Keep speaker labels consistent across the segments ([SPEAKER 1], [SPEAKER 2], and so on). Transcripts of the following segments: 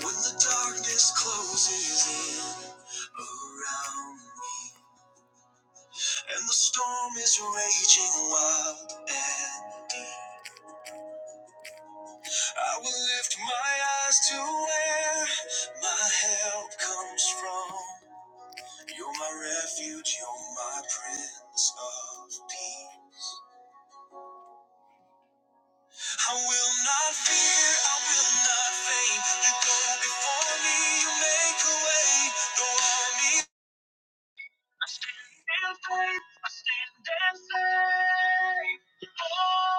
[SPEAKER 1] When the darkness closes in around me and the storm is raging wild and deep, I will lift my eyes to where my help comes from. You're my refuge, you're my prince of peace. I will not fear, I will not faint. You go before me, you make a way. Though all me. faith and say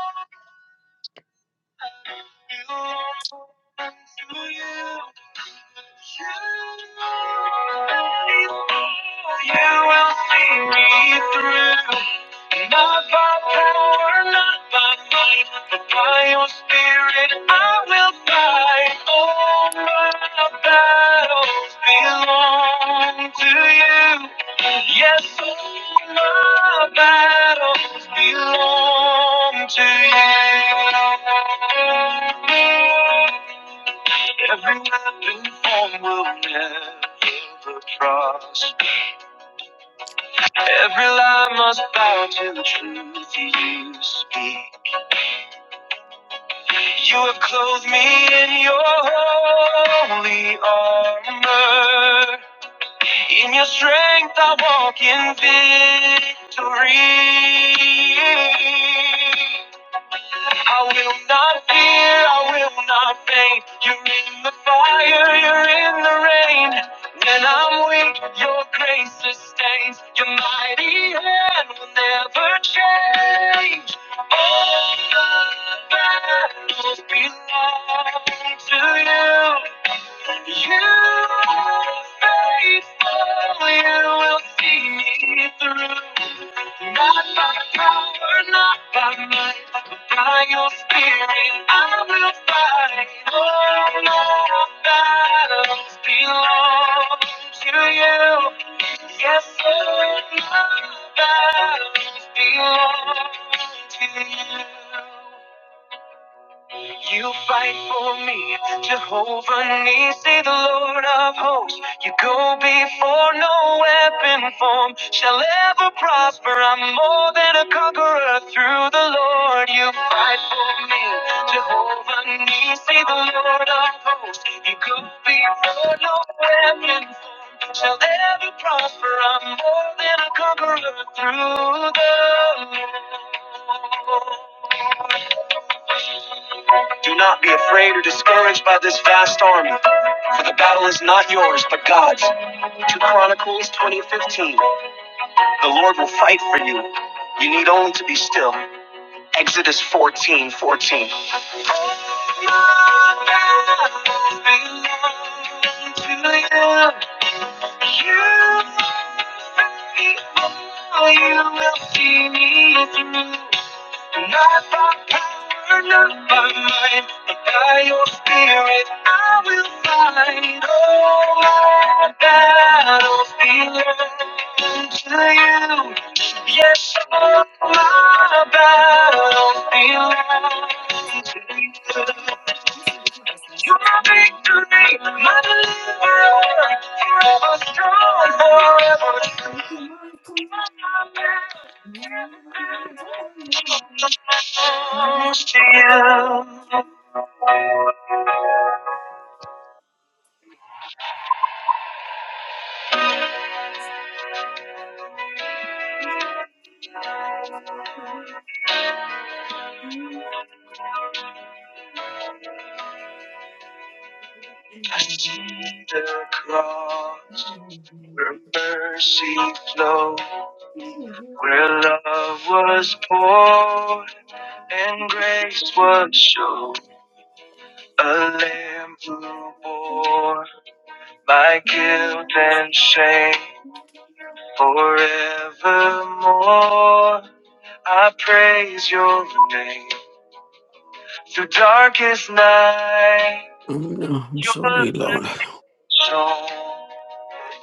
[SPEAKER 1] You will see me through. Not by power, not by might, but by your spirit I will fight. All my battles belong to you. Yes, all my battles belong to you. Every weapon formed will never cross. Every lie must bow to the truth you speak. You have clothed me in your holy armor. In your strength I walk in victory. I will not fear, I will not faint. You're in the fire, you're in the rain. When I'm weak, your grace sustains. Your mighty hand will never change. All the battles belong to you. You are faithful, you will see me through. Not by power, not by might, but by your spirit I will fight. All my battles belong to you. Yes, all my battles belong to you. You fight for me, Jehovah Nisi, the Lord of hosts. You go before no weapon form shall ever prosper. I'm more than a conqueror through the Lord. You fight for me, Jehovah Nisi, the Lord of hosts. You go before no weapon form shall ever prosper. I'm more than a conqueror through the Lord. Do not be afraid or discouraged by this vast army, for the battle is not yours, but God's. 2 Chronicles 20:15. The Lord will fight for you. You need only to be still. Exodus 14:14. You will see me through. And not by power, not by might, but by your spirit I will fight. all my battles belong to you. Yes, all my battles belong to you. Your victory, my deliverer, forever strong, forever strong to you. I see the cross. Where mercy flowed, where love was poured, and grace was shown. A lamb who bore my guilt and shame forevermore. I praise your name through darkest night.
[SPEAKER 2] Mm, No, I'm
[SPEAKER 1] Your
[SPEAKER 2] sorry,
[SPEAKER 1] light
[SPEAKER 2] Lord.
[SPEAKER 1] shone.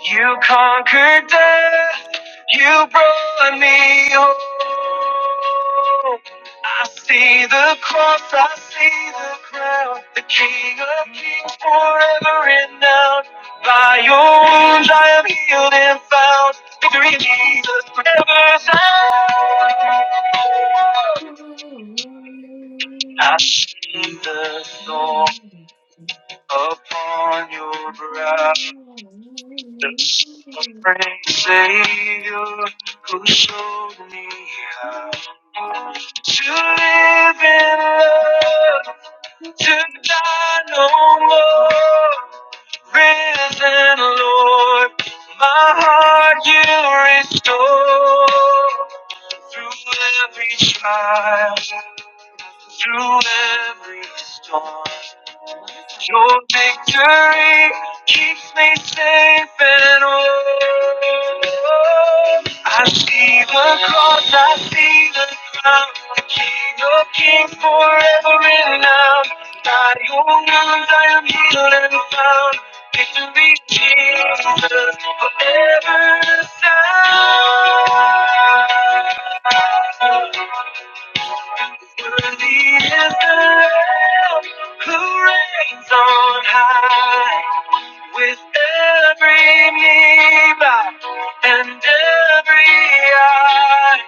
[SPEAKER 1] You conquered death. You brought me home. I see the cross. I see the crown. The King of Kings forever renowned. By your wounds I am healed and found. Victory in Jesus forever sound. I see the thorn upon your brow. The sovereign Savior who showed me how to live in love, to die no more. Risen Lord, my heart you restore. Through every trial, through every storm, your victory keeps me safe and whole. I see the cross, I see the crown. The King of Kings forever and now. By your wounds I am healed and found. Victory, Jesus, forever sound. Worthy is the Lamb who reigns on high. With every knee bow and every eye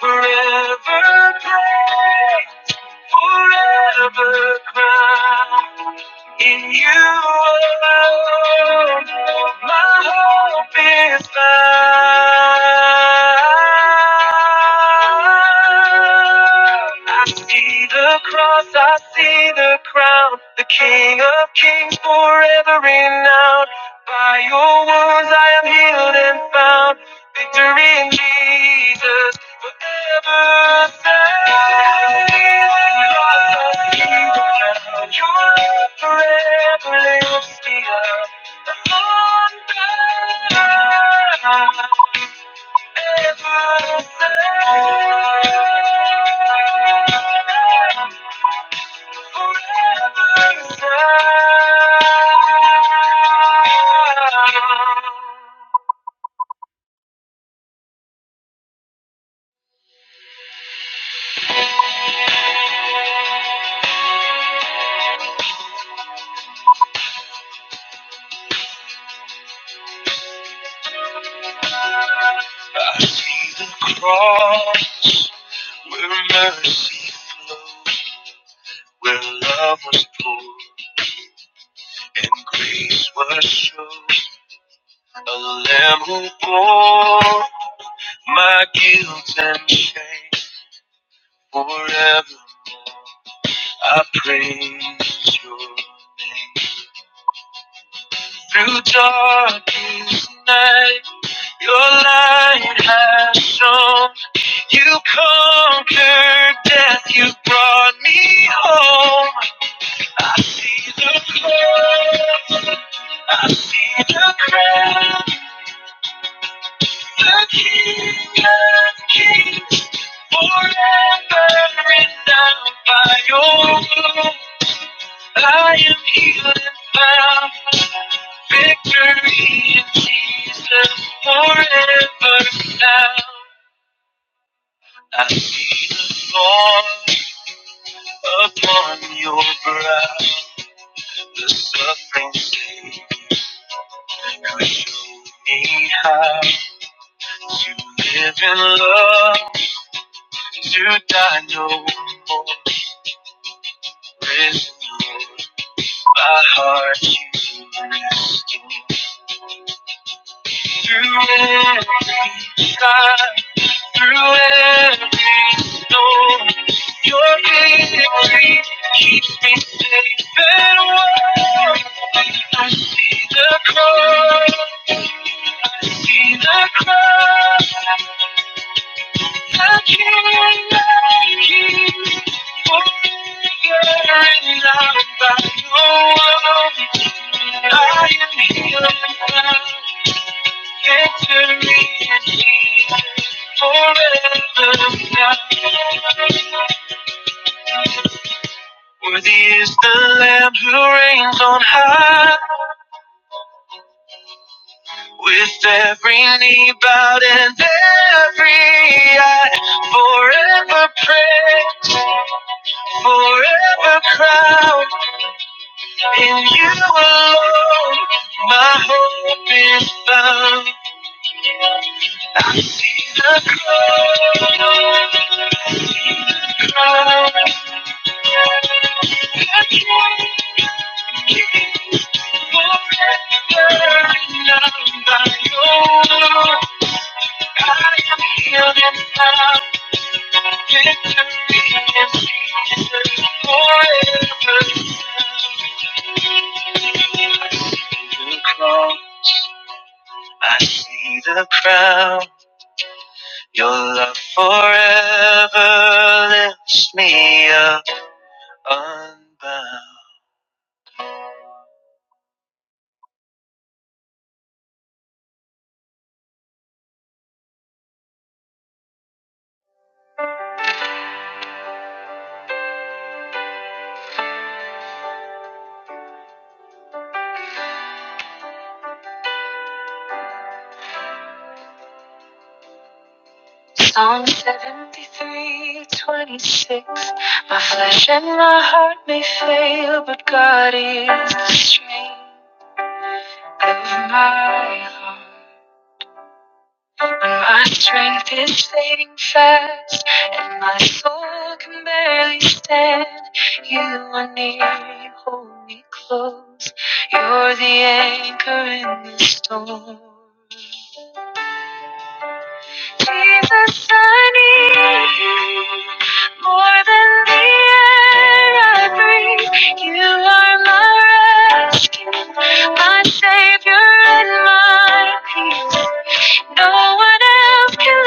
[SPEAKER 1] forever praise forever crowned in you alone. My hope is found. I see the cross, I see the crown, the King of Kings forever renowned. By your wounds I am healed and found. Victory in Jesus forever. Thank you. Your love forever lives beyond the wonder. Ever serve. Forever serve. I see the cross where mercy flows, where love was poured and grace was shown. A lamb who bore my guilt and shame forevermore. I praise your name. Through darkest night, your light has shone. You conquered death, you brought me home. I see the cross, I see the crown, the King of Kings, forever renowned by your blood. I am healed and found, victory in Jesus, forever now. I see the Lord. Upon your brow, the suffering Savior you showed me how to live in love, to die no more. Risen Lord, my heart you rest. Through every trial, through every storm, your victory keeps me safe and warm. I see the cross. See the cross, the King of Kings, forgiven by no one. I am healed now. Victory is here forever now. Worthy is the Lamb who reigns on high, with every knee bowed and every eye forever praised. Forever crowned in you alone, my hope is found. I see the cross, crown. The King, King, forever loved by you. I am healed and found victory in Jesus forever. I see the cross I see the crown. Your love forever lifts me up unbound. Psalm 73:26. My flesh and my heart may fail, but God is the strength of my heart. My strength is fading fast, and my soul can barely stand. You are near, you hold me close. You're the anchor in the storm. Jesus, I need you more than the air I breathe. You are my rescue, my savior, and my peace. No one else can.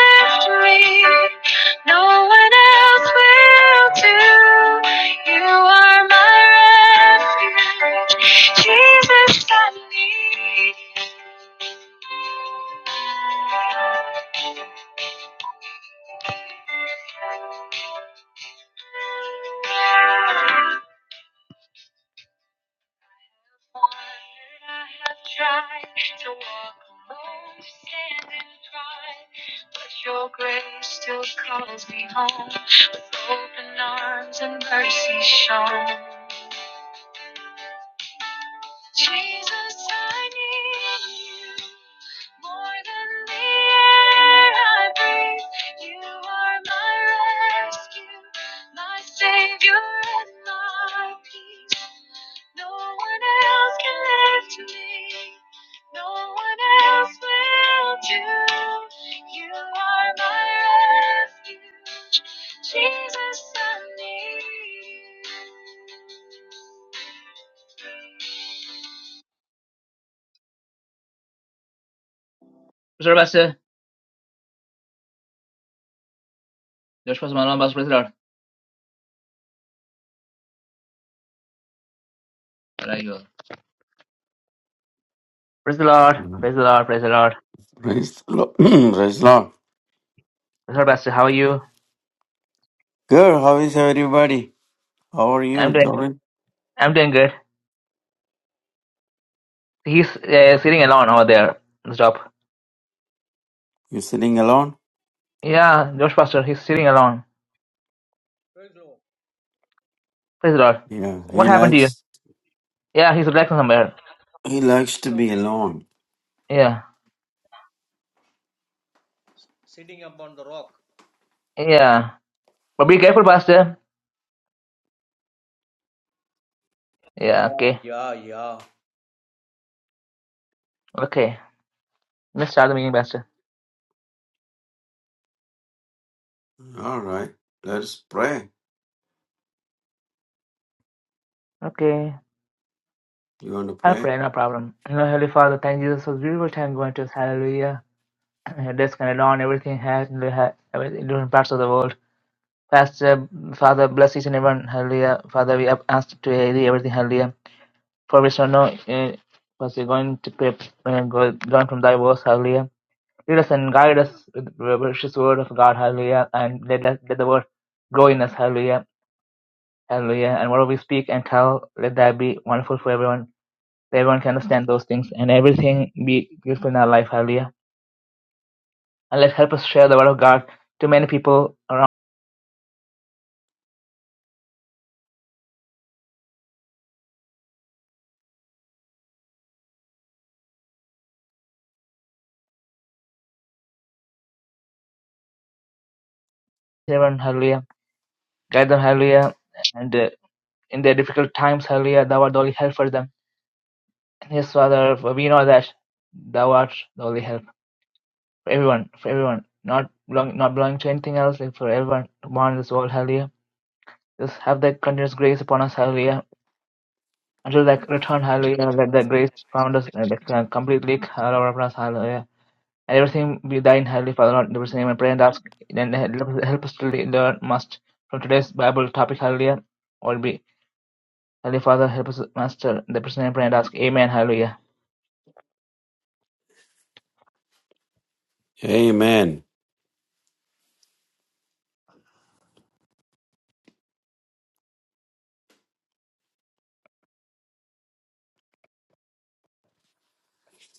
[SPEAKER 1] Pastor Pastor, Josh Pastor Manuel Pastor, praise the Lord. Where are you? Praise the Lord,
[SPEAKER 2] Mm.
[SPEAKER 1] praise the Lord, praise the Lord.
[SPEAKER 2] Praise the Lord. Praise the Lord.
[SPEAKER 1] Pastor Pastor, how are you?
[SPEAKER 2] Good. How is everybody? How are
[SPEAKER 1] I'm
[SPEAKER 2] you,
[SPEAKER 1] doing good.
[SPEAKER 2] Dorin?
[SPEAKER 1] I'm doing good. He's uh, sitting alone over there on the top.
[SPEAKER 2] You sitting alone?
[SPEAKER 1] Yeah, Josh Pastor, he's sitting alone.
[SPEAKER 3] Praise Lord.
[SPEAKER 1] Praise the Lord.
[SPEAKER 2] Yeah,
[SPEAKER 3] Praise
[SPEAKER 2] he
[SPEAKER 1] What
[SPEAKER 3] Lord.
[SPEAKER 1] happened to you?
[SPEAKER 2] likes
[SPEAKER 1] Yeah, he's relaxing somewhere.
[SPEAKER 2] he likes
[SPEAKER 3] What is
[SPEAKER 2] to be
[SPEAKER 3] okay?
[SPEAKER 2] alone.
[SPEAKER 1] Yeah,
[SPEAKER 3] Sitting upon the rock.
[SPEAKER 1] yeah. But be careful, Pastor. Yeah,
[SPEAKER 3] Yeah,
[SPEAKER 1] okay,
[SPEAKER 3] yeah, yeah.
[SPEAKER 1] okay. Let's start the meeting, Pastor.
[SPEAKER 2] All right. Let's pray.
[SPEAKER 1] Okay.
[SPEAKER 2] You want to
[SPEAKER 1] I'll
[SPEAKER 2] pray?
[SPEAKER 1] pray, no problem. You know, Heavenly Father, thank you Jesus for this beautiful time going to us. Hallelujah. Death, Canada, and everything has in the ha- in different parts of the world. Pastor, Father, bless each and everyone. Hallelujah. Father, we have asked to hear thee, everything. Hallelujah. For we shall know, uh, first we're going to pray, uh, go, learn from thy words. Hallelujah. Lead us and guide us with the precious word of God. Hallelujah. And let, us, let the word grow in us. Hallelujah. Hallelujah. And whatever we speak and tell, let that be wonderful for everyone. That everyone can understand those things and everything be useful in our life. Hallelujah. And let help us share the word of God to many people around. Seven, hallelujah. Guide them, hallelujah. And uh, in their difficult times, hallelujah, thou art the only help for them. Yes, Father, for we know that thou art the only help for everyone, for everyone, not belong, not belonging to anything else, like for everyone born in this world, hallelujah. Just have thy continuous grace upon us, hallelujah. Until thy return, hallelujah, let thy grace found us and uh, that can completely cover upon us, hallelujah. And everything be thine, hallelujah, Father, Lord, in the name I pray and ask, and help us to learn must from today's Bible topic, hallelujah. or be Holy Father, help us, Master. The person in prayer and ask, Amen, Hallelujah.
[SPEAKER 2] Amen.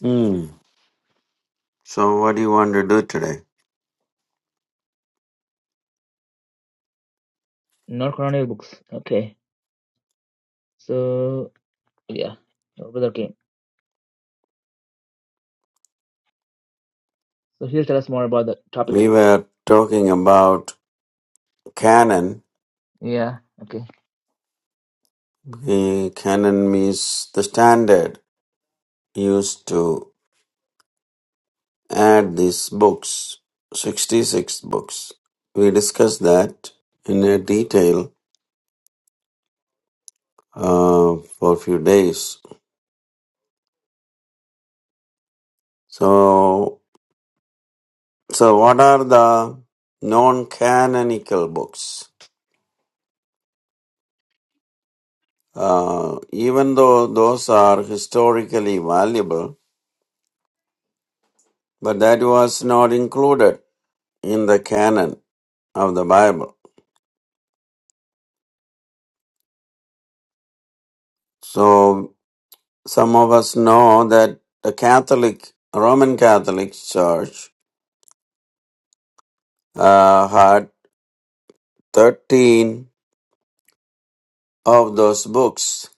[SPEAKER 2] Hmm. So, what do you want to do today?
[SPEAKER 1] Not canonical books. Okay. So, yeah. Our brother came. So, he'll tell us more about the topic.
[SPEAKER 2] We were talking about canon.
[SPEAKER 1] Yeah. Okay.
[SPEAKER 2] Eh, Canon means the standard used to. Add these books, 66 books. We discussed that in a detail uh, for a few days. So, so what are the non-canonical books? Uh, even though those are historically valuable, but that was not included in the canon of the Bible. So some of us know that the Catholic, Roman Catholic Church, uh, had 13 of those books,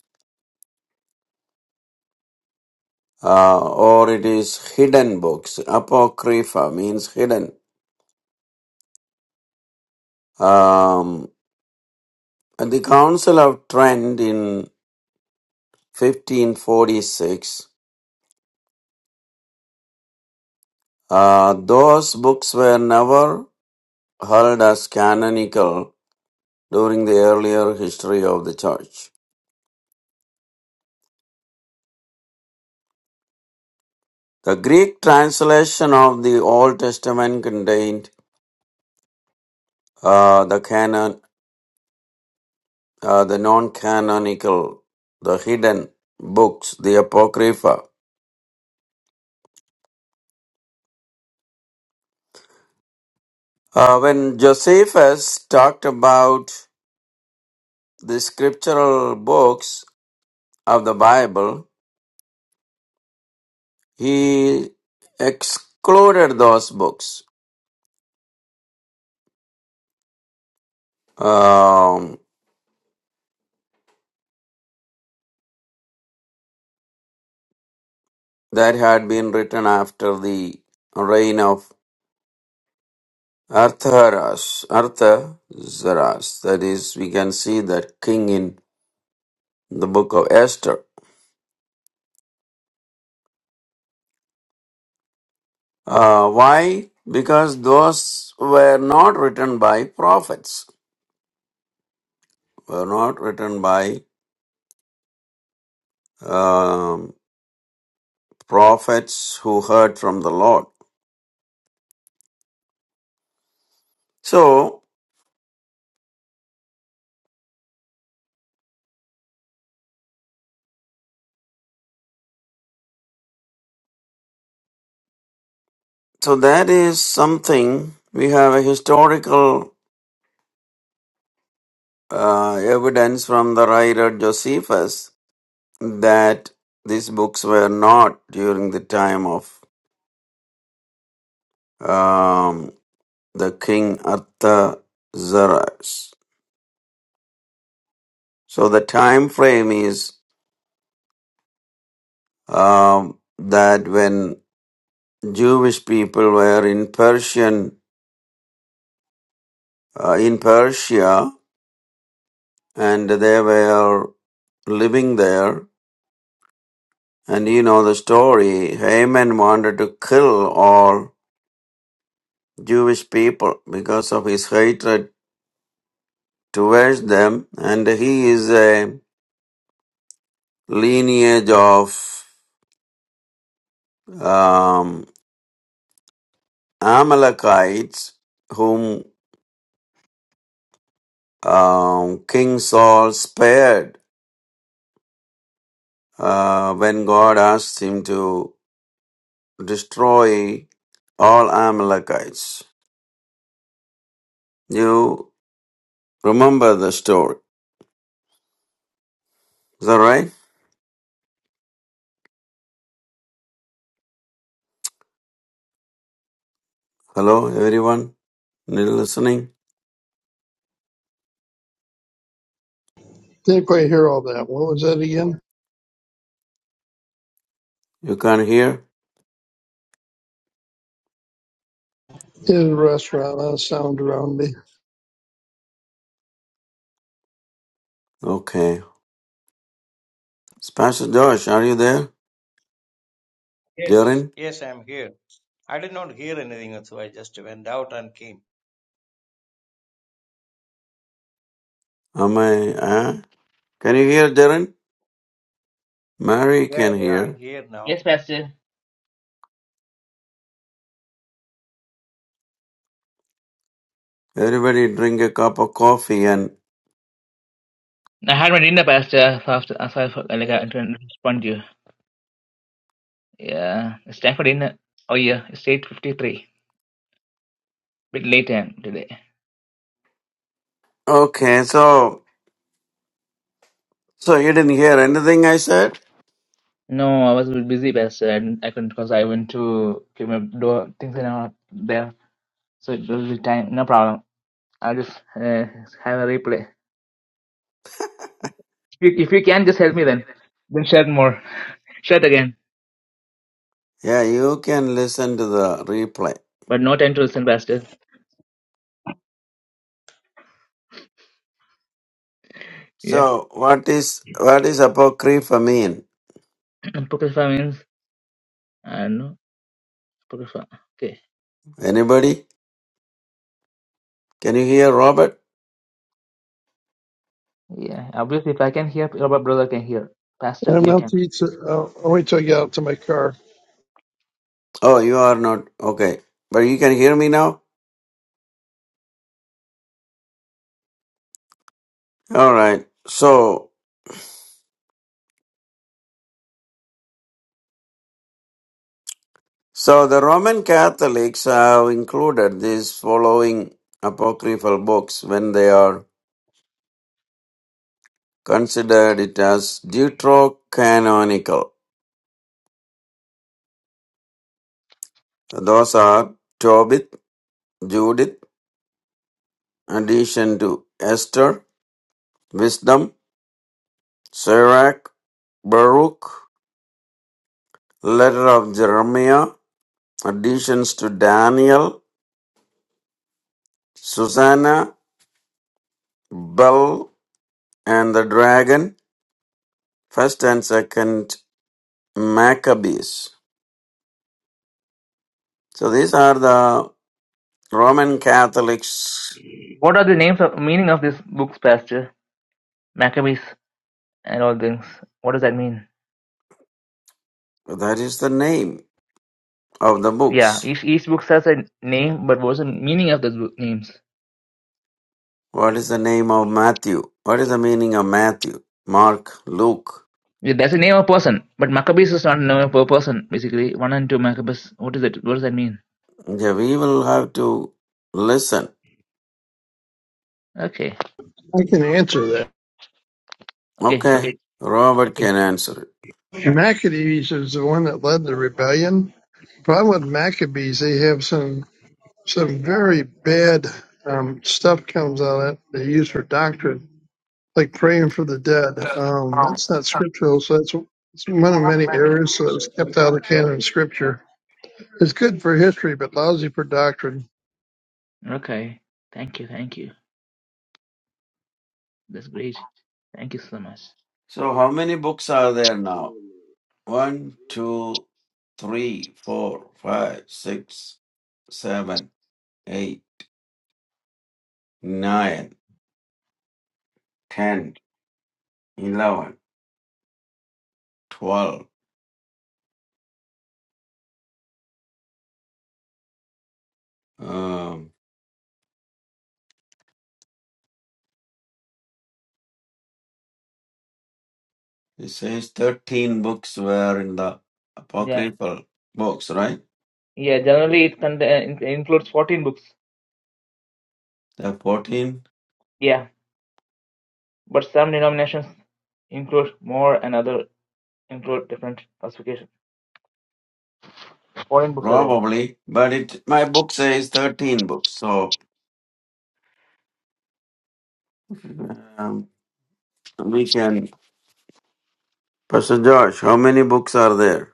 [SPEAKER 2] uh, or it is hidden books. Apocrypha means hidden. Um, at the Council of Trent in 1546, uh, those books were never held as canonical during the earlier history of the Church. The Greek translation of the Old Testament contained uh, the canon uh, the non-canonical, the hidden books, the apocrypha. Uh, when Josephus talked about the scriptural books of the Bible, he excluded those books um, that had been written after the reign of Artharas, Artaxerxes. That is, we can see that king in the book of Esther. Uh, why? Because those were not written by prophets, were not written by um, prophets who heard from the Lord. So, so that is something we have a historical uh, evidence from the writer Josephus that these books were not during the time of um, the king Artaxerxes. So the time frame is um, that when Jewish people were in Persian uh, in Persia and they were living there, and you know the story, Haman wanted to kill all Jewish people because of his hatred towards them, and he is a lineage of um, Amalekites whom um, King Saul spared uh, when God asked him to destroy all Amalekites. You remember the story. Is that right? Hello, everyone? Need listening?
[SPEAKER 4] Didn't quite hear all that. What was that again?
[SPEAKER 2] You can't hear?
[SPEAKER 4] It a restaurant. A sound around me.
[SPEAKER 2] Okay. It's Pastor Josh, are you there?
[SPEAKER 3] Yes.
[SPEAKER 2] Darren?
[SPEAKER 3] Yes, I'm here. I did not hear anything, so I just went out and came.
[SPEAKER 2] Am I? Uh? Can you hear, Darren? Mary
[SPEAKER 3] Yeah,
[SPEAKER 2] can
[SPEAKER 3] yeah, I
[SPEAKER 2] hear.
[SPEAKER 3] hear now.
[SPEAKER 1] Yes, Pastor.
[SPEAKER 2] Everybody drink a cup of coffee and.
[SPEAKER 1] I had my dinner, Pastor. So after, so I like I
[SPEAKER 3] Yes.
[SPEAKER 1] had to respond to you. Yeah. It's time for dinner. Oh, yeah. It's 8.53. Bit late time today.
[SPEAKER 2] Okay, so. So you didn't hear anything I said?
[SPEAKER 1] No, I was a bit busy, Pastor. I, didn't, I couldn't because I went to keep my door. Things are not there. So, it will be time. No problem. I'll just uh, have a replay. If you, if you can, just help me then. Then share more. Share again.
[SPEAKER 2] Yeah, you can listen to the replay.
[SPEAKER 1] But no time to listen, Pastor. Yeah.
[SPEAKER 2] So, what is what is apocrypha mean?
[SPEAKER 1] Apocrypha means, I don't know. Apocrypha. Okay.
[SPEAKER 2] Anybody? Can you hear Robert?
[SPEAKER 1] Yeah. Obviously, if I can hear, your brother can hear. Pastor,
[SPEAKER 4] I'm
[SPEAKER 1] you
[SPEAKER 4] out
[SPEAKER 1] can.
[SPEAKER 4] to eat. so- I'll I'll wait till I get out to my car.
[SPEAKER 2] Oh, you are not okay, but you can hear me now. All right. So, so the Roman Catholics have included these following apocryphal books when they are considered it as deuterocanonical. Those are Tobit, Judith, addition to Esther, Wisdom, Sirach. Baruch, letter of Jeremiah, additions to Daniel, Susanna, Bel, and the dragon, first and second Maccabees. So these are the Roman Catholics.
[SPEAKER 1] What are the names of meaning of these books, Pastor? Maccabees and all things. What does that mean?
[SPEAKER 2] That is the name of the
[SPEAKER 1] Yeah.
[SPEAKER 2] books.
[SPEAKER 1] Each each book has a name, but what's the meaning of those book names?
[SPEAKER 2] What is the name of Matthew? What is the meaning of Matthew? Mark, Luke.
[SPEAKER 1] Yeah, that's a name of a person, but Maccabees is not a name of a person. Basically, one and two Maccabees. What is it? What does that mean?
[SPEAKER 2] Yeah, we will have to listen.
[SPEAKER 1] Okay.
[SPEAKER 4] I can answer that.
[SPEAKER 1] Okay.
[SPEAKER 2] Okay,
[SPEAKER 1] Okay. Okay.
[SPEAKER 2] Robert can answer it.
[SPEAKER 4] Maccabees is the one that led the rebellion. Problem with Maccabees, they have some some very bad um, stuff comes out of it. They use for doctrine, like praying for the dead. Um, that's not scriptural, so that's it's one of many errors so that was kept out of canon scripture. It's good for history, but lousy for doctrine.
[SPEAKER 1] Okay. Thank you. Thank you. That's great. Thank you so much.
[SPEAKER 2] So, how many books are there now? One, two, three, four, five, six, seven, eight, nine, ten, eleven, twelve. Um, it says thirteen books were in the
[SPEAKER 1] Yeah.
[SPEAKER 2] apocryphal books, right?
[SPEAKER 1] Yeah. Generally, it con- it includes 14 books.
[SPEAKER 2] There are fourteen,
[SPEAKER 1] Yeah. But some denominations include more and other include different classification. 14 books are there.
[SPEAKER 2] probably, but it my book says thirteen books. So um, we can. Pastor Josh, how many books are there?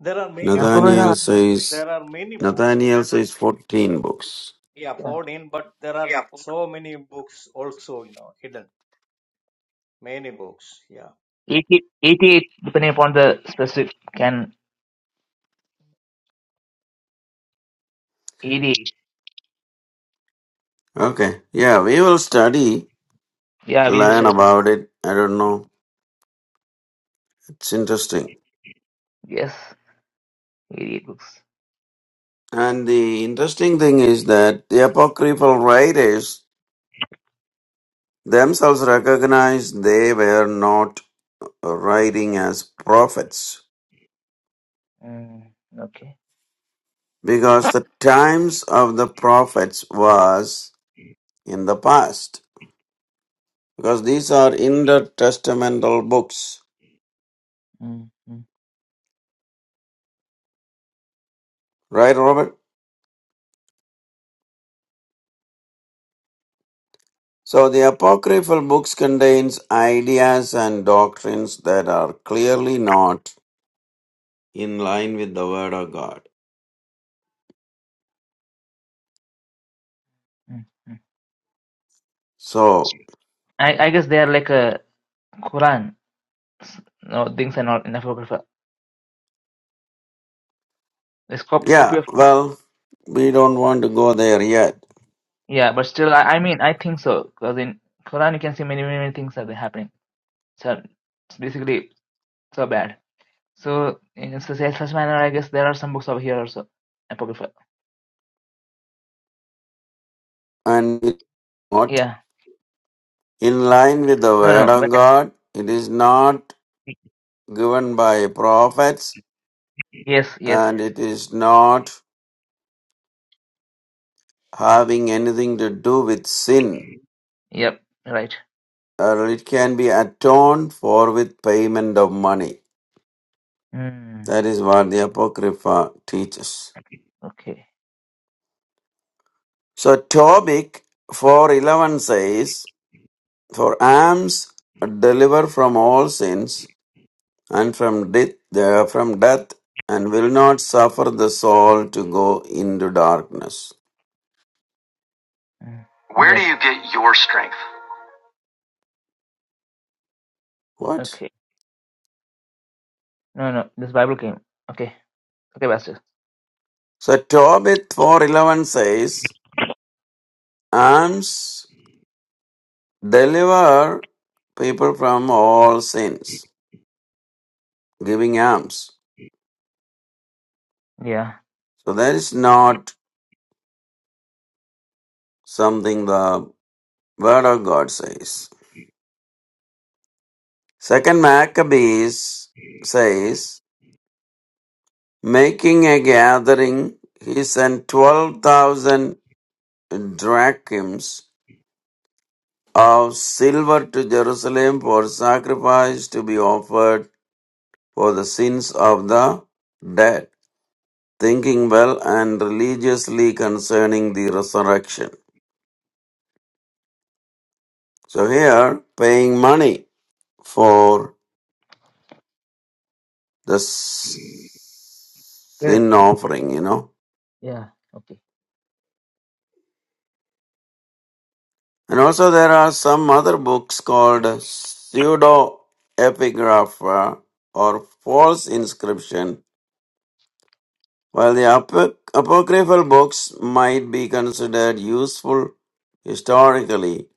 [SPEAKER 3] There are
[SPEAKER 1] And
[SPEAKER 3] many
[SPEAKER 1] of
[SPEAKER 3] books.
[SPEAKER 1] course,
[SPEAKER 2] Nathaniel
[SPEAKER 1] uh,
[SPEAKER 2] says
[SPEAKER 3] There are many books.
[SPEAKER 2] Nathaniel says fourteen books.
[SPEAKER 3] Yeah,
[SPEAKER 1] yeah.
[SPEAKER 3] 14, but there are so many books also, you know, hidden. Many books. Yeah.
[SPEAKER 1] 80, 88, depending upon the specific, can 88.
[SPEAKER 2] Okay. Yeah, we will study,
[SPEAKER 1] Yeah, we need to
[SPEAKER 2] learn
[SPEAKER 1] study.
[SPEAKER 2] about it. I don't know. It's interesting.
[SPEAKER 1] Yes, 88 books.
[SPEAKER 2] And the interesting thing is that the apocryphal writers themselves recognized they were not writing as prophets
[SPEAKER 1] Mm, okay.
[SPEAKER 2] because the times of the prophets was in the past because these are intertestamental books
[SPEAKER 1] Mm, mm,
[SPEAKER 2] right robert so the apocryphal books contains ideas and doctrines that are clearly not in line with the Word of God.
[SPEAKER 1] mm, mm.
[SPEAKER 2] So,
[SPEAKER 1] I, I guess they are like a Quran. S- No, things are not in apocrypha. It's cop
[SPEAKER 2] yeah,
[SPEAKER 1] copy of
[SPEAKER 2] well, we don't want to go there yet.
[SPEAKER 1] yeah, but still, I, I mean, I think so because in Quran you can see many many, many things are happening. So it's basically so bad. So in such such manner, I guess there are some books over here also apocryphal.
[SPEAKER 2] And what?
[SPEAKER 1] Yeah.
[SPEAKER 2] In line with the
[SPEAKER 1] No,
[SPEAKER 2] Word
[SPEAKER 1] no. when
[SPEAKER 2] of
[SPEAKER 1] I-
[SPEAKER 2] God, it is not given by prophets
[SPEAKER 1] yes, yes.
[SPEAKER 2] and it is not having anything to do with sin.
[SPEAKER 1] Yep. Right.
[SPEAKER 2] Or it can be atoned for with payment of money.
[SPEAKER 1] Mm,
[SPEAKER 2] That is what the Apocrypha teaches.
[SPEAKER 1] okay.
[SPEAKER 2] So, Tobit 4.11 says, For alms deliver from all sins and from death, uh, from death, and will not suffer the soul to go into darkness.
[SPEAKER 1] Mm, Where do yes. you
[SPEAKER 2] What?
[SPEAKER 1] Okay. No, no. This Bible came. Okay. Okay, Pastor.
[SPEAKER 2] So Tobit four eleven says, alms deliver people from all sins, giving alms.
[SPEAKER 1] Yeah.
[SPEAKER 2] So that is not something the word of God says. Second Maccabees says. Making a gathering, he sent 12,000 drachms of silver to Jerusalem for sacrifice to be offered for the sins of the dead, thinking well and religiously concerning the resurrection. So here, paying money for the s-
[SPEAKER 1] Good.
[SPEAKER 2] sin offering, you know.
[SPEAKER 1] Yeah. Okay.
[SPEAKER 2] And also there are some other books called pseudo epigrapha or false inscription, while the apo- apocryphal books might be considered useful historically.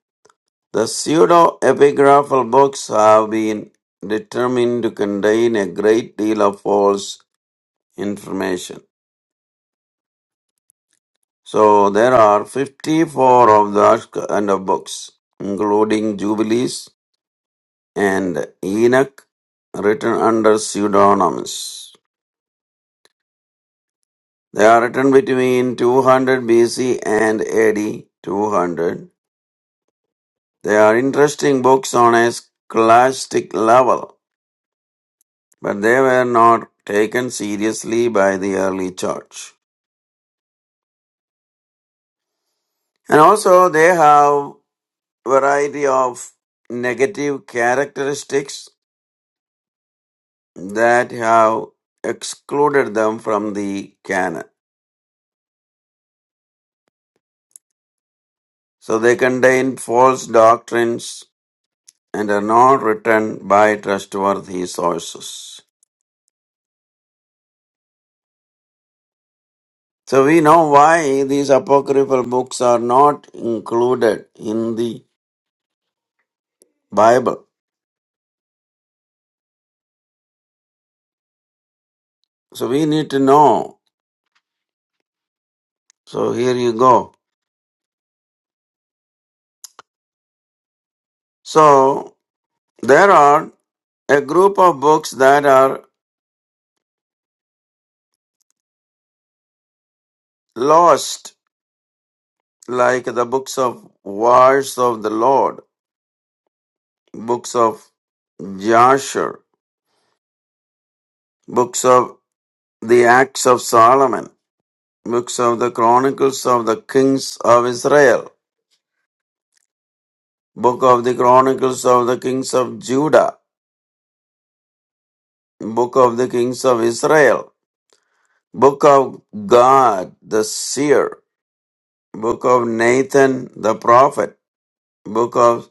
[SPEAKER 2] The pseudo epigraphal books have been determined to contain a great deal of false information. So there are 54 of the Ashk- and of books, including Jubilees, and Enoch written under pseudonyms. They are written between 200 BC and AD 200. They are interesting books on a scholastic level, but they were not taken seriously by the early church. And also they have variety of negative characteristics that have excluded them from the canon. So they contain false doctrines, and are not written by trustworthy sources. So we know why these apocryphal books are not included in the Bible. So we need to know. So here you go. So there are a group of books that are lost, like the books of Wars of the Lord, books of Jasher, books of the Acts of Solomon, books of the Chronicles of the Kings of Israel Book of the Chronicles of the Kings of Judah, Book of the Kings of Israel, Book of God the Seer, Book of Nathan the Prophet, Book of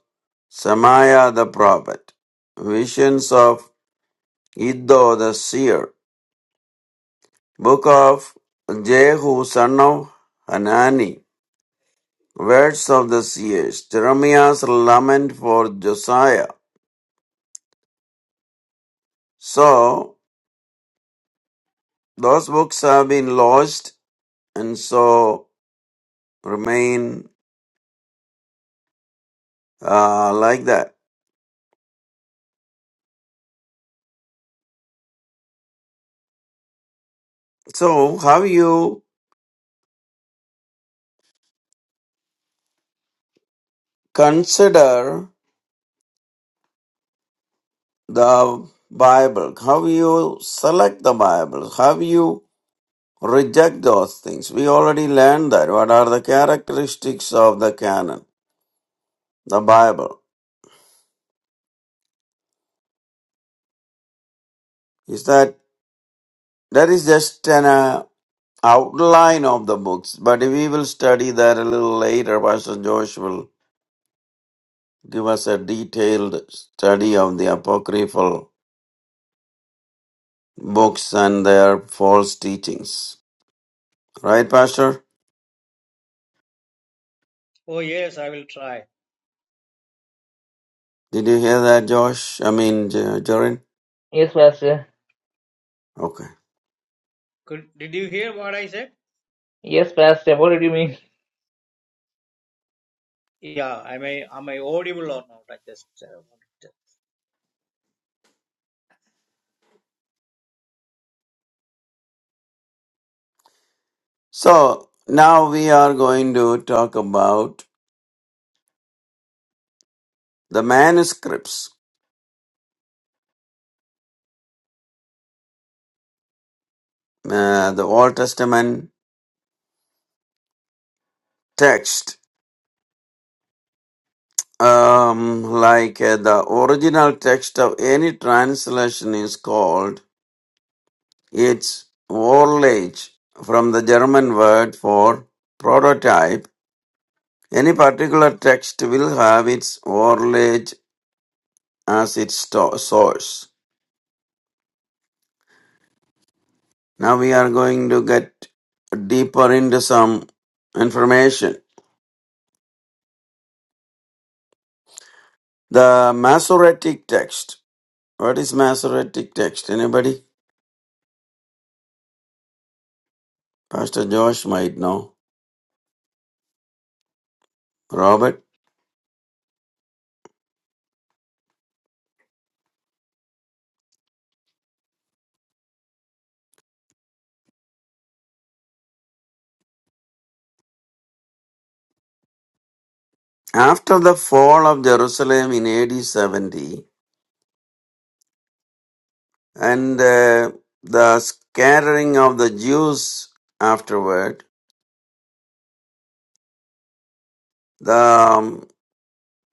[SPEAKER 2] Samaiah the Prophet, Visions of Iddo the Seer, Book of Jehu son of Hanani, Words of the Seers, Jeremiah's Lament for Josiah. So, those books have been lodged, and so remain uh, like that. So, how you consider the Bible? How you select the Bible? How you reject those things? We already learned that. What are the characteristics of the canon, the Bible? Is that that is just an uh, outline of the books, but we will study that a little later. Pastor Josh will give us a detailed study of the apocryphal books and their false teachings. Right, Pastor?
[SPEAKER 3] Oh, yes, I will try.
[SPEAKER 2] Did you hear that, Josh? I mean, J- Jorin?
[SPEAKER 1] Yes, Pastor.
[SPEAKER 2] Okay.
[SPEAKER 3] Could, did you hear what I said?
[SPEAKER 1] Yes, Pastor. What did you mean?
[SPEAKER 3] Yeah, am I, am I audible or not? I just. Uh, wanted to-
[SPEAKER 2] So now we are going to talk about the manuscripts, uh, the Old Testament text. Um, like uh, the original text of any translation is called its Vorlage from the German word for prototype. Any particular text will have its Vorlage as its sto- source. Now we are going to get deeper into some information. The Masoretic text. What is Masoretic text? Anybody? Pastor Josh might know. Robert. After the fall of Jerusalem in AD 70 and uh, the scattering of the Jews afterward, the um,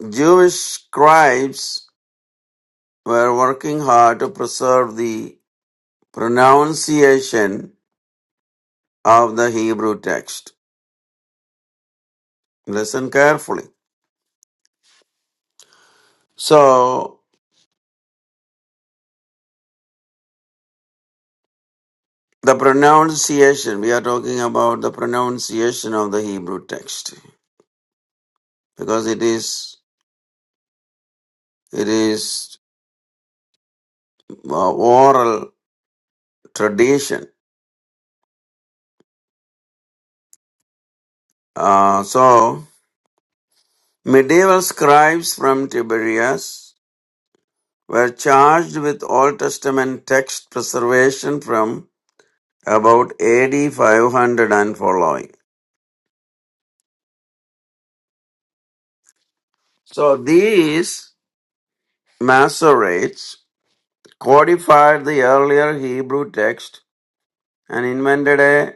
[SPEAKER 2] Jewish scribes were working hard to preserve the pronunciation of the Hebrew text. Listen carefully. So, the pronunciation, we are talking about the pronunciation of the Hebrew text because it is, it is uh, oral tradition. Uh, so, medieval scribes from Tiberias were charged with Old Testament text preservation from about AD 500 and following. So, these Masoretes codified the earlier Hebrew text and invented a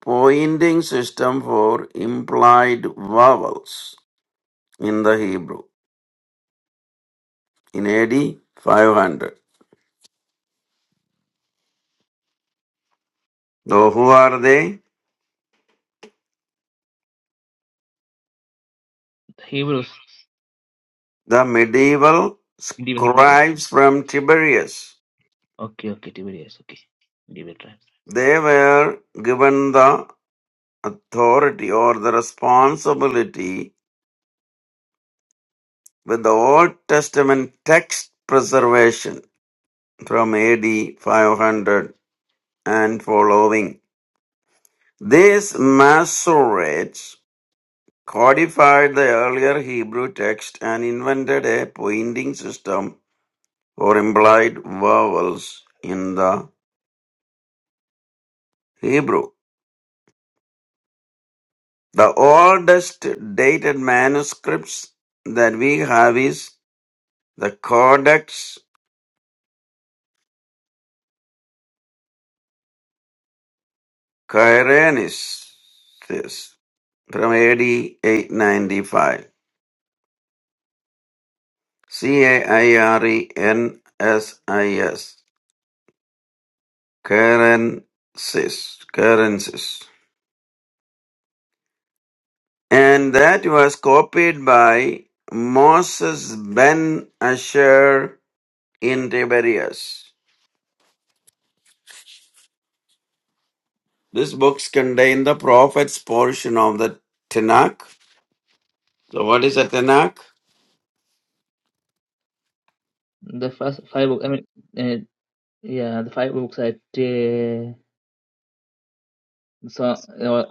[SPEAKER 2] pointing system for implied vowels in the Hebrew in AD 500. So, who are they?
[SPEAKER 1] Hebrews.
[SPEAKER 2] The medieval
[SPEAKER 1] Hebrews.
[SPEAKER 2] scribes from Tiberias.
[SPEAKER 1] Okay, okay, Tiberius. Okay, Debate Tribes.
[SPEAKER 2] They were given the authority or the responsibility with the Old Testament text preservation from AD 500 and following. These Masoretes codified the earlier Hebrew text and invented a pointing system for implied vowels in the Hebrew. The oldest dated manuscripts that we have is the Codex Cairnensis from AD 895. C A I R E N S I S. currencies, currencies. And that was copied by Moses ben Asher in Tiberias. These books contain the prophets portion of the Tanakh. So what is a Tanakh?
[SPEAKER 1] The first five books. I mean, uh, yeah, the five books at uh, so uh,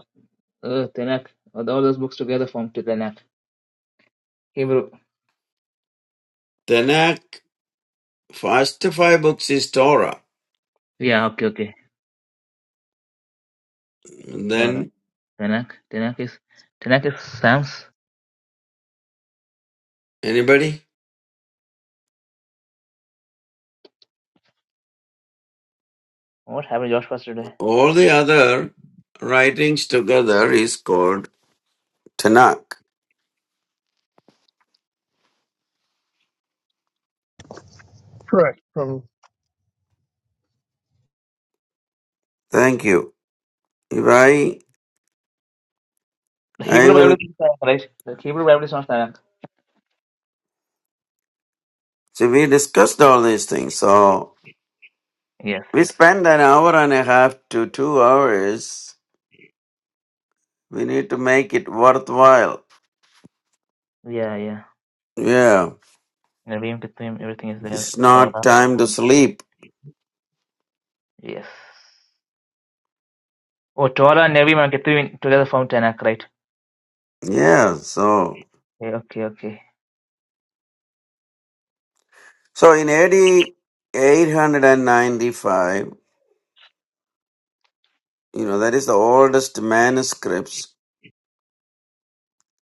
[SPEAKER 1] uh, Tanakh. All those books together form Tanakh. Hebrew.
[SPEAKER 2] Tanakh, first five books is Torah.
[SPEAKER 1] Yeah. Okay. Okay.
[SPEAKER 2] And
[SPEAKER 1] Torah.
[SPEAKER 2] then
[SPEAKER 1] Tanakh. Tanakh is Tanakh is Psalms.
[SPEAKER 2] anybody?
[SPEAKER 1] What happened, Josh? First today.
[SPEAKER 2] All the other writings together is called Tanakh.
[SPEAKER 4] Correct. From
[SPEAKER 2] Thank you. If I
[SPEAKER 1] The
[SPEAKER 2] I
[SPEAKER 1] Hebrew
[SPEAKER 2] will
[SPEAKER 1] Bible is not Tanakh, right? The Hebrew Bible is not Tanakh.
[SPEAKER 2] So we discussed all these things. So
[SPEAKER 1] Yes.
[SPEAKER 2] we
[SPEAKER 1] Yes.
[SPEAKER 2] spend an hour and a half to two hours. We need to make it worthwhile.
[SPEAKER 1] Yeah. Yeah.
[SPEAKER 2] Yeah.
[SPEAKER 1] Nevi'im, Ketuvim, everything is there.
[SPEAKER 2] It's not
[SPEAKER 1] Torah.
[SPEAKER 2] time to sleep.
[SPEAKER 1] Yes. Oh, Torah, Nevi'im, and Ketuvim together form Tanakh, right?
[SPEAKER 2] Yeah. So,
[SPEAKER 1] Yeah, okay. Okay.
[SPEAKER 2] so in AD 895, you know, that is the oldest manuscripts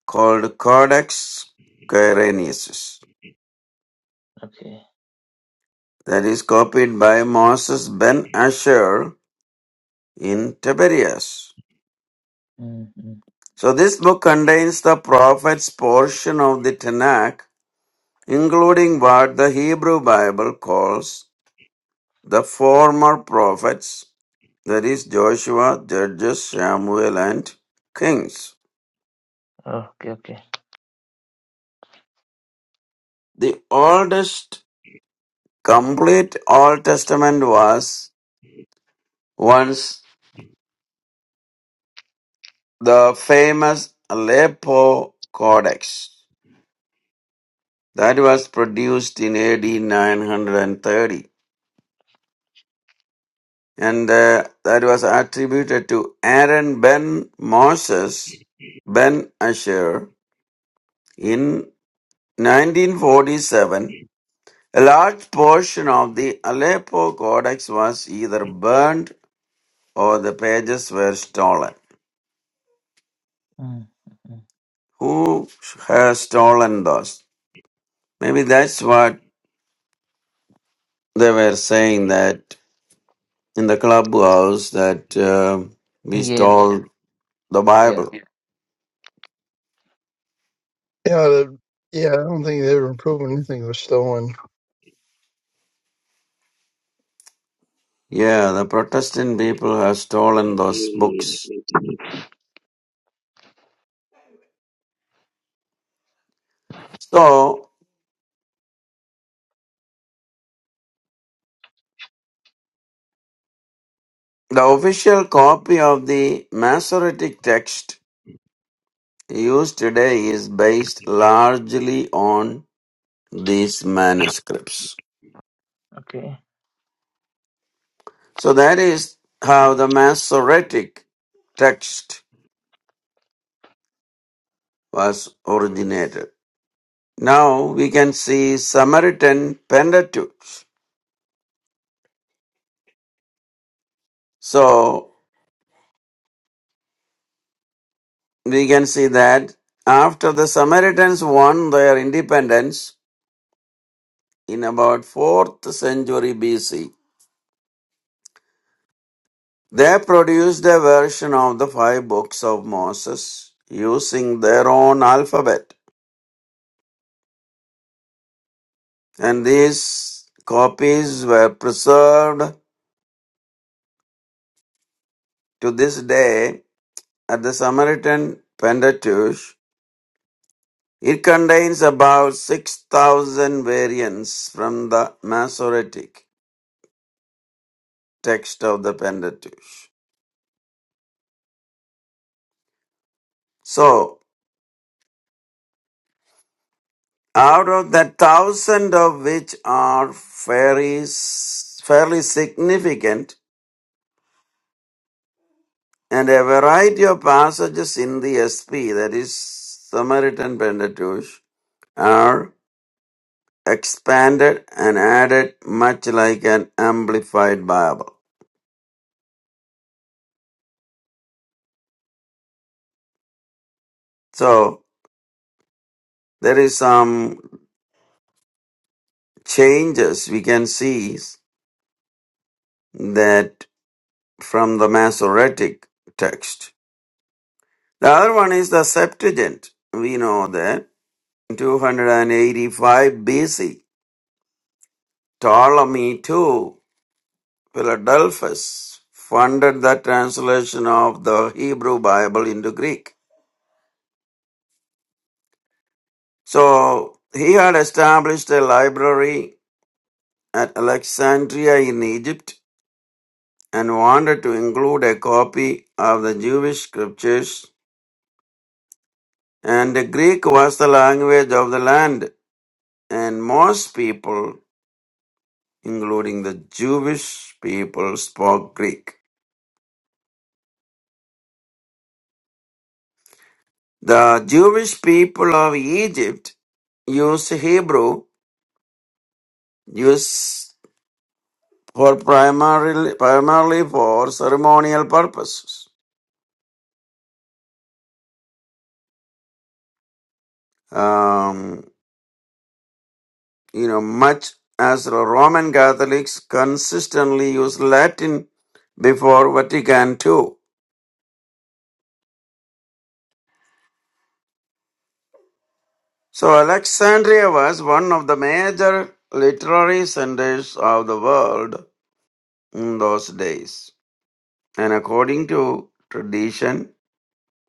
[SPEAKER 2] called Codex Quirinius.
[SPEAKER 1] Okay.
[SPEAKER 2] That is copied by Moses ben Asher in Tiberias.
[SPEAKER 1] mm mm.
[SPEAKER 2] So this book contains the prophet's portion of the Tanakh, including what the Hebrew Bible calls the former prophets, that is Joshua, Judges, Samuel, and Kings.
[SPEAKER 1] Okay, okay.
[SPEAKER 2] The oldest complete Old Testament was once the famous Aleppo Codex that was produced in AD 930. and uh, that was attributed to Aaron Ben Moses Ben Asher. In 1947, a large portion of the Aleppo Codex was either burned or the pages were stolen.
[SPEAKER 1] Mm, mm, mm.
[SPEAKER 2] Who has stolen those? Maybe that's what they were saying that in the clubhouse that uh, we
[SPEAKER 1] Yes,
[SPEAKER 2] stole the
[SPEAKER 1] yeah.
[SPEAKER 2] Bible.
[SPEAKER 4] Yeah, the, yeah, I don't think they ever proving anything was stolen.
[SPEAKER 2] Yeah, the Protestant people have stolen those books. So, the official copy of the Masoretic text used today is based largely on these manuscripts.
[SPEAKER 1] Okay.
[SPEAKER 2] So, that is how the Masoretic text was originated. Now, we can see Samaritan Pentateuch. So, we can see that after the Samaritans won their independence in about 4th century BC, They produced a version of the five books of Moses using their own alphabet, and these copies were preserved to this day at the Samaritan Pentateuch. It contains about 6,000 variants from the Masoretic text of the Pentateuch. So, out of that thousand of which are fairly, fairly significant, and a variety of passages in the SP, that is Samaritan Pentateuch, are expanded and added much like an amplified Bible. So there is some changes we can see that from the Masoretic text. The other one is the Septuagint. We know that 285 BC, Ptolemy II. Philadelphus funded the translation of the Hebrew Bible into Greek. So he had established a library at Alexandria in Egypt and wanted to include a copy of the Jewish scriptures. And the Greek was the language of the land, and most people, including the Jewish people, spoke Greek. The Jewish people of Egypt used Hebrew, Used. for primarily primarily for ceremonial purposes. Um, you know, much as the Roman Catholics consistently use Latin before Vatican II. So Alexandria was one of the major literary centers of the world in those days. And according to tradition,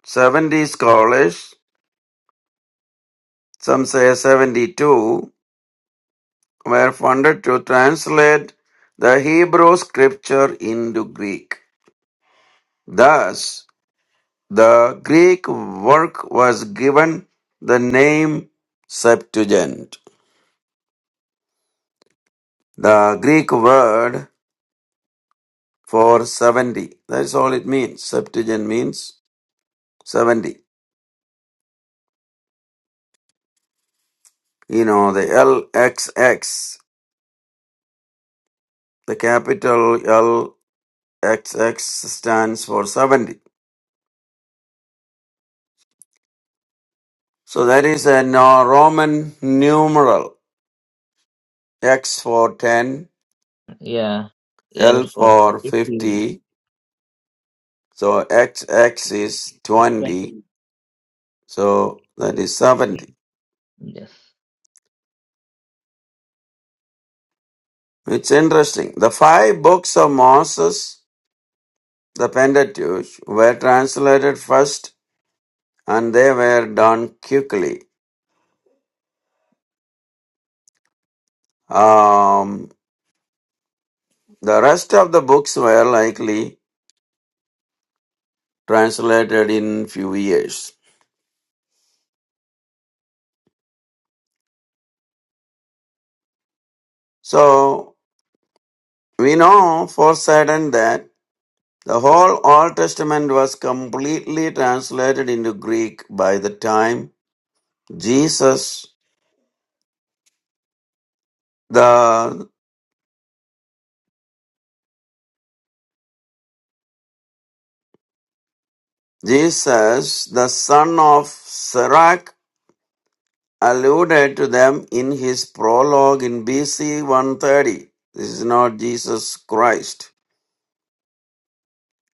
[SPEAKER 2] 70 scholars, some say 72, were funded to translate the Hebrew scripture into Greek. Thus, the Greek work was given the name Septuagint. The Greek word for 70. That's all it means. Septuagint means 70. You know, the LXX, the capital LXX stands for 70. So that is a no- Roman numeral. X for 10,
[SPEAKER 1] Yeah.
[SPEAKER 2] L
[SPEAKER 1] L for
[SPEAKER 2] for
[SPEAKER 1] fifty
[SPEAKER 2] 50, so X X is 20,
[SPEAKER 1] twenty.
[SPEAKER 2] so that is 70.
[SPEAKER 1] Yes.
[SPEAKER 2] It's interesting. The five books of Moses, the Pentateuch, were translated first and they were done quickly. Um, the rest of the books were likely translated in few years. So we know for certain that the whole Old Testament was completely translated into Greek by the time Jesus, the Jesus, the son of Sirach, alluded to them in his prologue in BC 130. This is not Jesus Christ.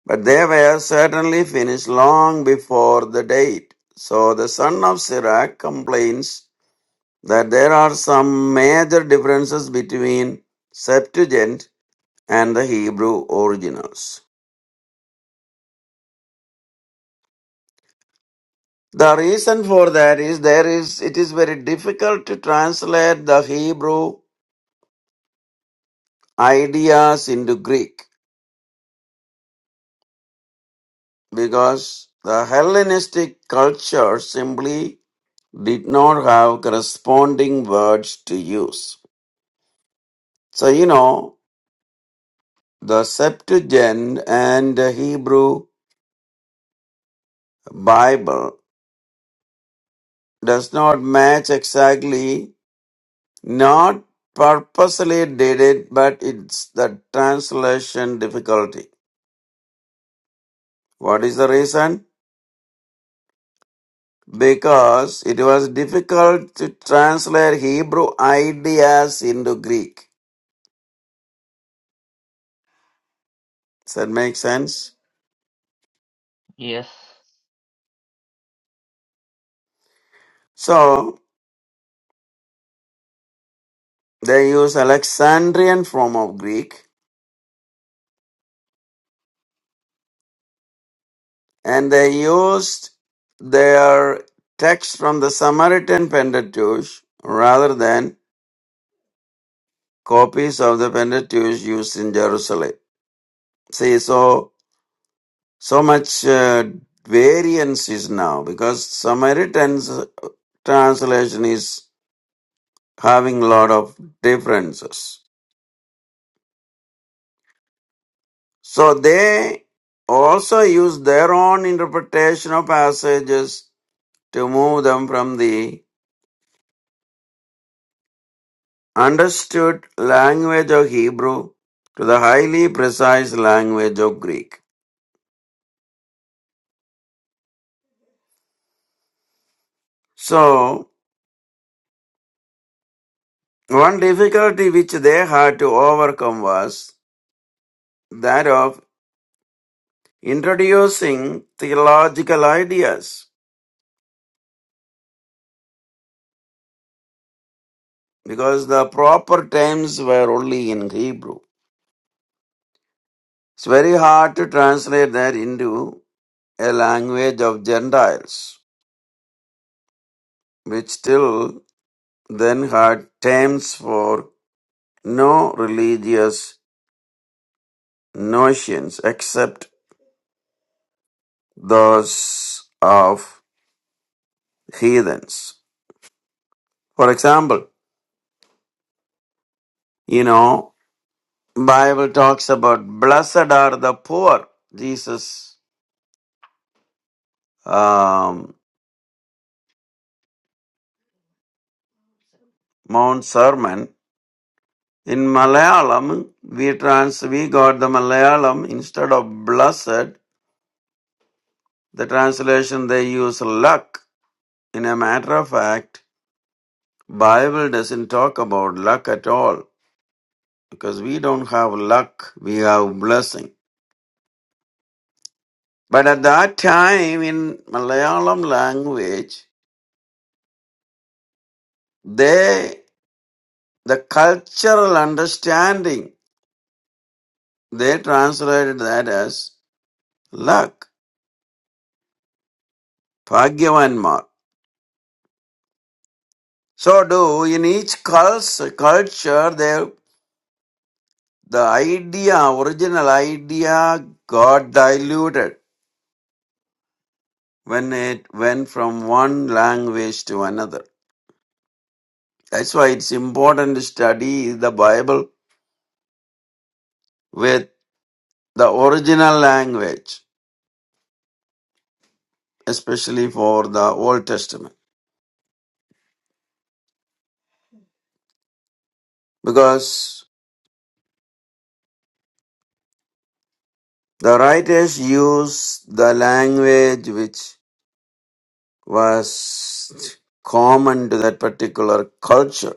[SPEAKER 2] But they were certainly finished long before the date. So the son of Sirach complains that there are some major differences between Septuagint and the Hebrew originals. The reason for that is there is it is very difficult to translate the Hebrew ideas into Greek because the Hellenistic culture simply did not have corresponding words to use. So you know the Septuagint and the Hebrew Bible does not match exactly not purposely did it but it's the translation difficulty. What is the reason? because it was difficult to translate Hebrew ideas into Greek. Does that make sense?
[SPEAKER 1] Yes.
[SPEAKER 2] So they used Alexandrian form of Greek and they used their text from the Samaritan Pentateuch rather than copies of the Pentateuch used in Jerusalem. See, so so much uh, variance is now because Samaritan's translation is having lot of differences. So they also use their own interpretation of passages to move them from the understood language of Hebrew to the highly precise language of Greek. So one difficulty which they had to overcome was that of introducing theological ideas because the proper terms were only in Hebrew. It's very hard to translate that into a language of Gentiles, which till then had terms for no religious notions except those of heathens. For example, you know, Bible talks about blessed are the poor. Jesus um, Mount Sermon in Malayalam, we trans we got the Malayalam instead of blessed The translation they use luck. In a matter of fact, Bible doesn't talk about luck at all because we don't have luck, we have blessing. But at that time in Malayalam language, they the cultural understanding they translated that as luck, bhagyavanmar. So do in each cults- culture, they the idea, original idea, got diluted when it went from one language to another. That's why it's important to study the Bible with the original language, especially for the Old Testament, because the writers used the language which was common to that particular culture.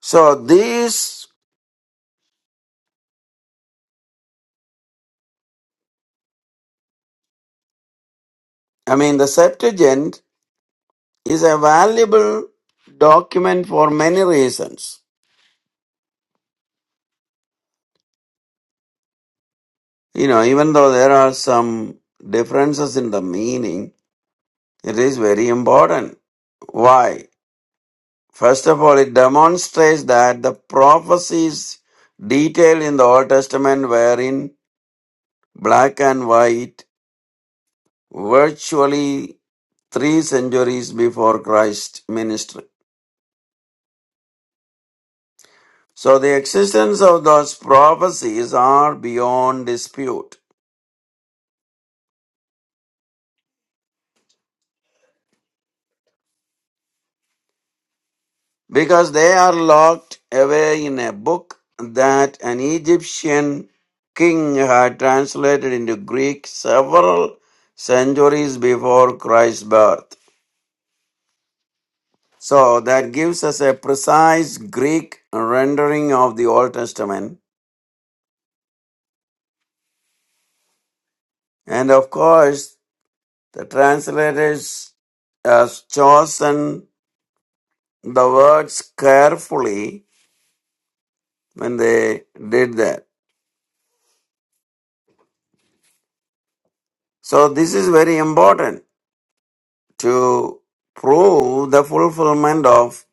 [SPEAKER 2] So, these, I mean, the Septuagint is a valuable document for many reasons You know, even though there are some differences in the meaning, it is very important. Why? First of all, it demonstrates that the prophecies detailed in the Old Testament were in black and white virtually three centuries before Christ's ministry. So the existence of those prophecies are beyond dispute. because they are locked away in a book that an Egyptian king had translated into Greek several centuries before Christ's birth. So that gives us a precise Greek rendering of the Old Testament. And of course, the translators has chosen the words carefully when they did that. So this is very important to prove the fulfillment of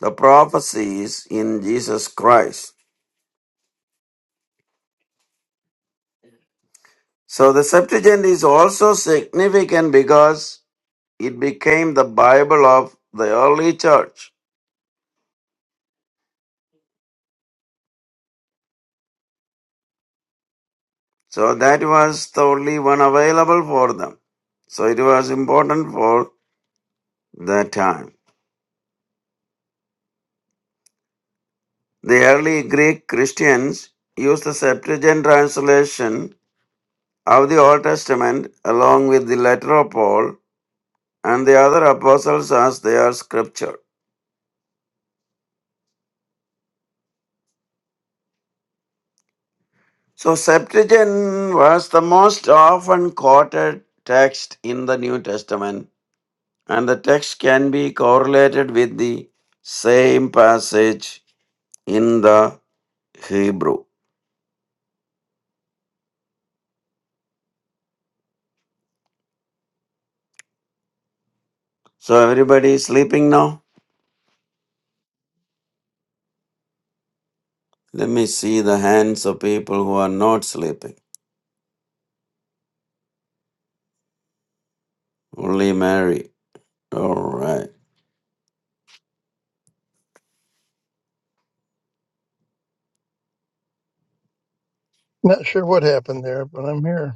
[SPEAKER 2] the prophecies in Jesus Christ. So the Septuagint is also significant because it became the Bible of the early church. So that was the only one available for them. So it was important for that time. The early Greek Christians used the Septuagint translation of the Old Testament along with the letter of Paul and the other apostles as their scripture. So, Septuagint was the most often quoted text in the New Testament, and the text can be correlated with the same passage in the Hebrew. So, everybody is sleeping now? Let me see the hands of people who are not sleeping. Only Mary. All right.
[SPEAKER 4] Not sure what happened there, but I'm here.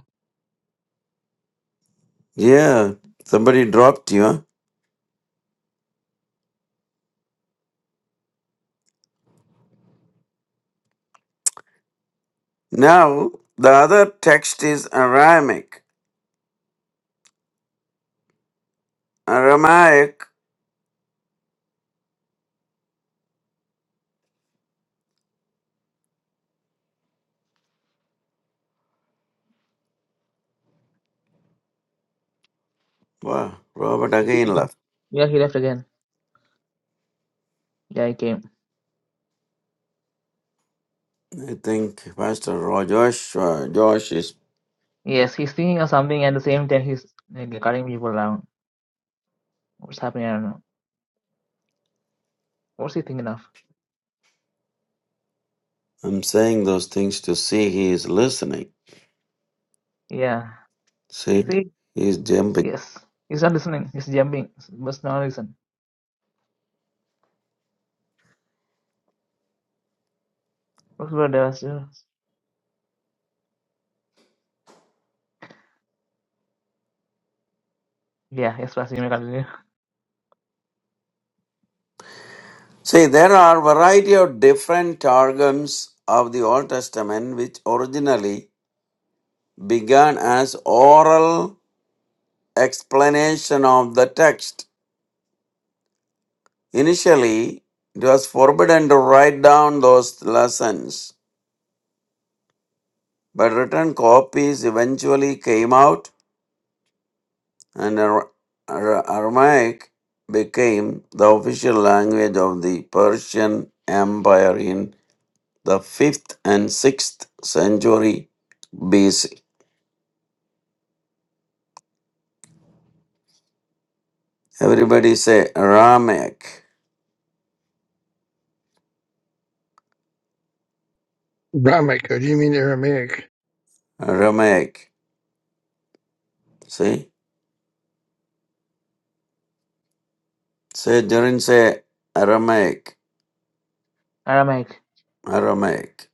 [SPEAKER 2] Yeah, somebody dropped you. huh? Now, the other text is Aramaic. Aramaic, Wow, Robert
[SPEAKER 1] Okay, we
[SPEAKER 2] again left.
[SPEAKER 1] Yeah, he left again. Yeah, he came.
[SPEAKER 2] I think Pastor Ro- Josh, uh, Josh is.
[SPEAKER 1] Yes, he's thinking of something and at the same time he's like, cutting people around. What's happening? I don't know. What's he thinking of?
[SPEAKER 2] I'm saying those things to see he is listening.
[SPEAKER 1] Yeah.
[SPEAKER 2] See,
[SPEAKER 1] See?
[SPEAKER 2] he's jumping.
[SPEAKER 1] Yes. He's not listening. He's jumping. Must not listen. What's about the Yeah, yes, Pastor, you may continue.
[SPEAKER 2] See, there are variety of different targums of the Old Testament which originally began as oral explanation of the text. Initially, it was forbidden to write down those lessons, but written copies eventually came out and Ar- Ar- Aramaic became the official language of the Persian Empire in the 5th and 6th century BC. Everybody say Aramaic,
[SPEAKER 4] Abrahamic, or do you mean Aramaic?
[SPEAKER 2] Aramaic. See? Say, Durin say Aramaic,
[SPEAKER 1] Aramaic.
[SPEAKER 2] Aramaic.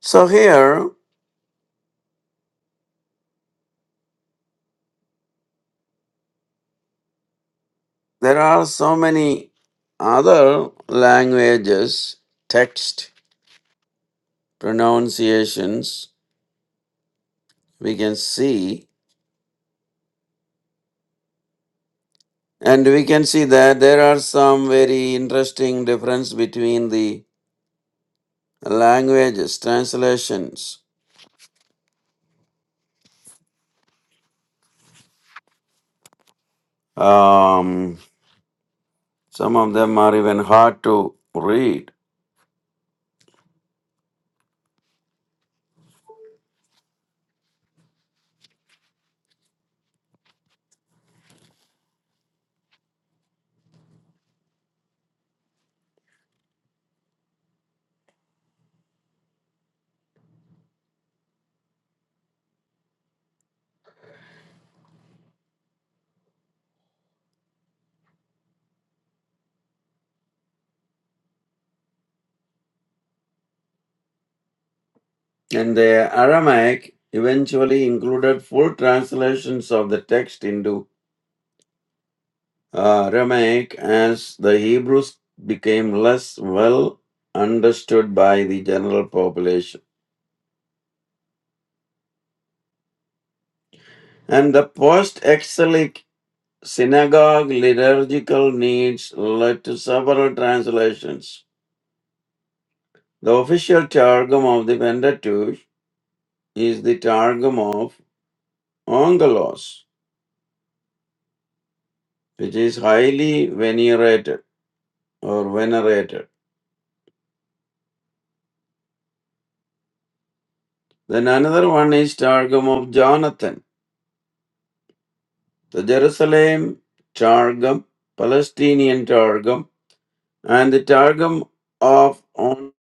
[SPEAKER 2] So here, there are so many other languages, text, pronunciations we can see And we can see that there are some very interesting difference between the languages, translations. Um, some of them are even hard to read. And the Aramaic eventually included full translations of the text into uh, Aramaic as the Hebrews became less well understood by the general population. And the post exilic synagogue liturgical needs led to several translations. The official Targum of the Pentateuch is the Targum of Onkelos, which is highly venerated or venerated. Then another one is Targum of Jonathan, the Jerusalem Targum, Palestinian Targum, and the Targum of Oni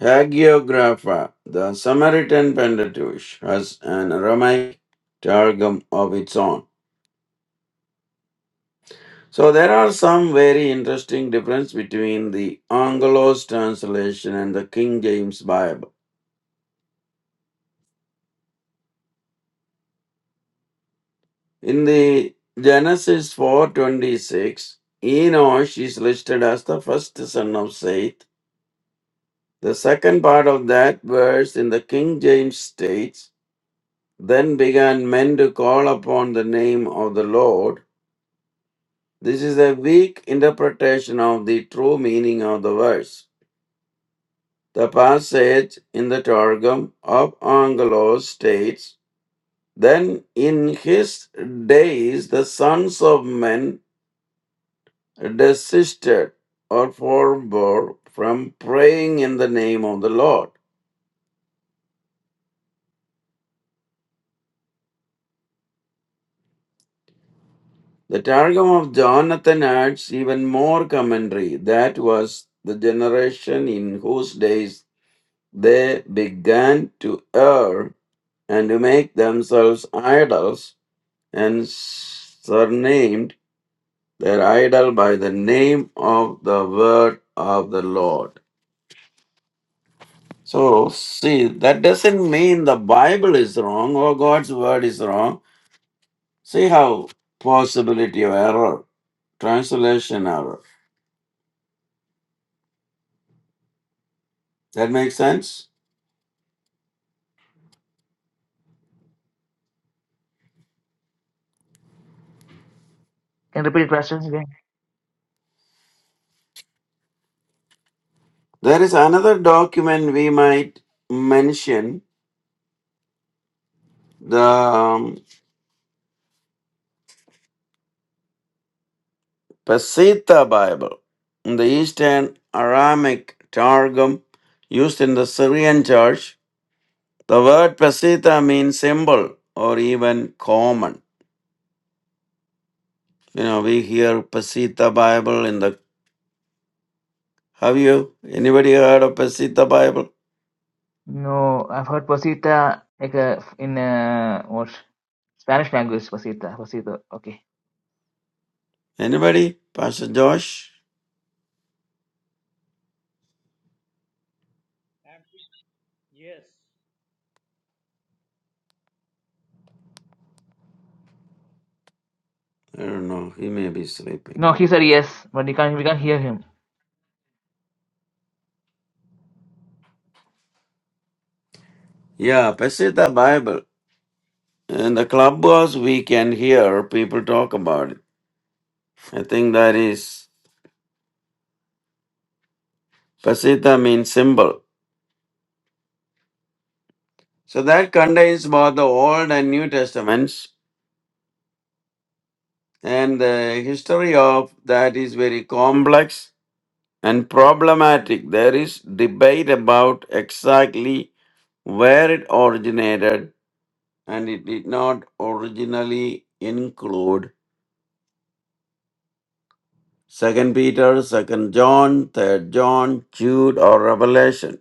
[SPEAKER 2] Hagiographa, the Samaritan Pentateuch, has an Aramaic targum of its own. So there are some very interesting differences between the Angelos translation and the King James Bible. In the Genesis 4:26, Enosh is listed as the first son of Seth. The second part of that verse in the King James states, "Then began men to call upon the name of the Lord." This is a weak interpretation of the true meaning of the verse. The passage in the Targum of Angelos states, Then in his days the sons of men desisted or forbore from praying in the name of the Lord. The Targum of Jonathan adds even more commentary. That was the generation in whose days they began to err and to make themselves idols and surnamed their idol by the name of the word of the Lord. So, see, that doesn't mean the Bible is wrong or God's word is wrong. See how possibility of error, translation error. That makes sense?
[SPEAKER 1] Can you repeat it, Pastor? again?
[SPEAKER 2] There is another document we might mention. The um, Peshitta Bible, the Eastern Aramaic Targum used in the Syrian church, the word Peshitta means symbol or even common. You know, we hear Peshitta Bible in the. Have you? Anybody heard of Peshitta Bible?
[SPEAKER 1] No, I've heard pasita like uh, in uh, what Spanish language pasita, pasito. Okay.
[SPEAKER 2] Anybody? Pastor Josh?
[SPEAKER 3] I'm- yes.
[SPEAKER 2] I don't know. He may be sleeping.
[SPEAKER 1] No, he said yes, but you can't. We can't hear him.
[SPEAKER 2] Yeah, Peshitta Bible. In the clubhouse, we can hear people talk about it. I think that is Peshitta means symbol So that contains both the Old and New Testaments, and the history of that is very complex and problematic. There is debate about exactly where it originated, and it did not originally include Second Peter, Second John, Third John, Jude, or Revelation.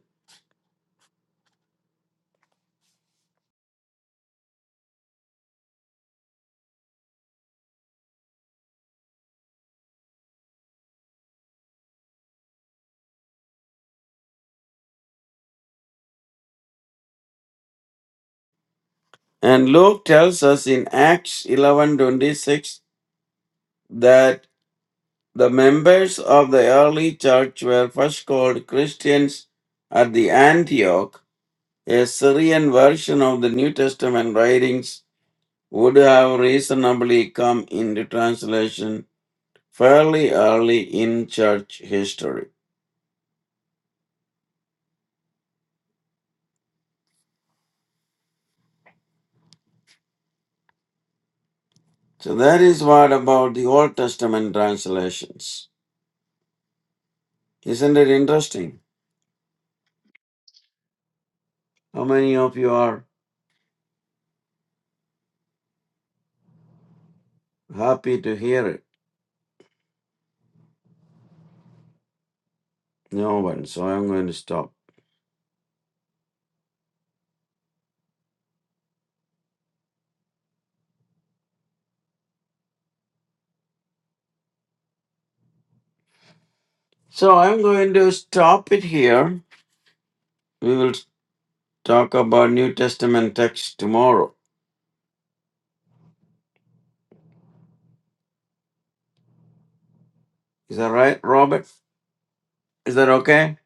[SPEAKER 2] And Luke tells us in Acts eleven twenty six that. The members of the early church were first called Christians at the Antioch. A Syrian version of the New Testament writings would have reasonably come into translation fairly early in church history. So that is what about the Old Testament translations. Isn't it interesting? How many of you are happy to hear it? No one, so I'm going to stop. So I'm going to stop it here. We will talk about New Testament text tomorrow. Is that right, Robert? Is that okay?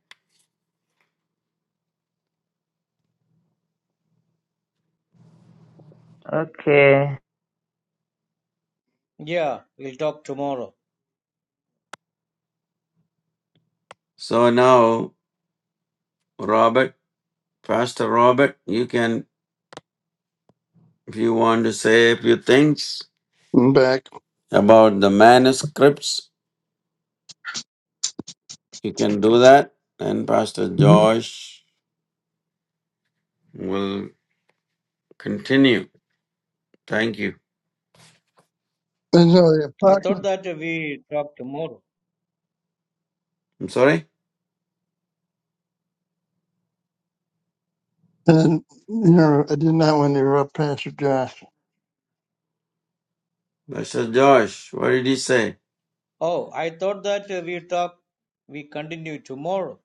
[SPEAKER 1] Okay.
[SPEAKER 3] Yeah, we'll talk tomorrow.
[SPEAKER 2] So now, Robert, Pastor Robert, you can, if you want to say a few things
[SPEAKER 4] I'm back.
[SPEAKER 2] about the manuscripts, you can do that. And Pastor
[SPEAKER 4] Mm-hmm.
[SPEAKER 2] Josh will continue. Thank you.
[SPEAKER 4] And so the
[SPEAKER 3] I thought
[SPEAKER 4] apocrypha,
[SPEAKER 3] that we talk tomorrow.
[SPEAKER 2] I'm sorry?
[SPEAKER 4] and you know, I did not want to interrupt Pastor Josh.
[SPEAKER 2] Pastor Josh, what did he say?
[SPEAKER 3] Oh, I thought that we talk, we continue tomorrow.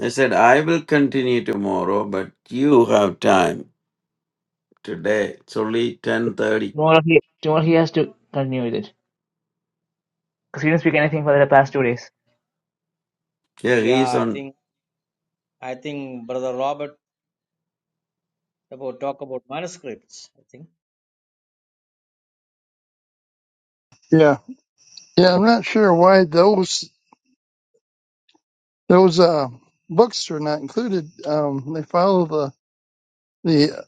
[SPEAKER 2] I said, I will continue tomorrow, but you have time today. It's only 10.30.
[SPEAKER 1] Tomorrow he tomorrow he has to continue with it because he didn't speak anything for the past two days.
[SPEAKER 2] Yeah,
[SPEAKER 3] Yeah,
[SPEAKER 2] he's
[SPEAKER 3] I
[SPEAKER 2] on
[SPEAKER 3] think, I think Brother Robert about talk about manuscripts. I think.
[SPEAKER 4] Yeah, yeah, I'm not sure why those those uh books are not included. Um, they follow the the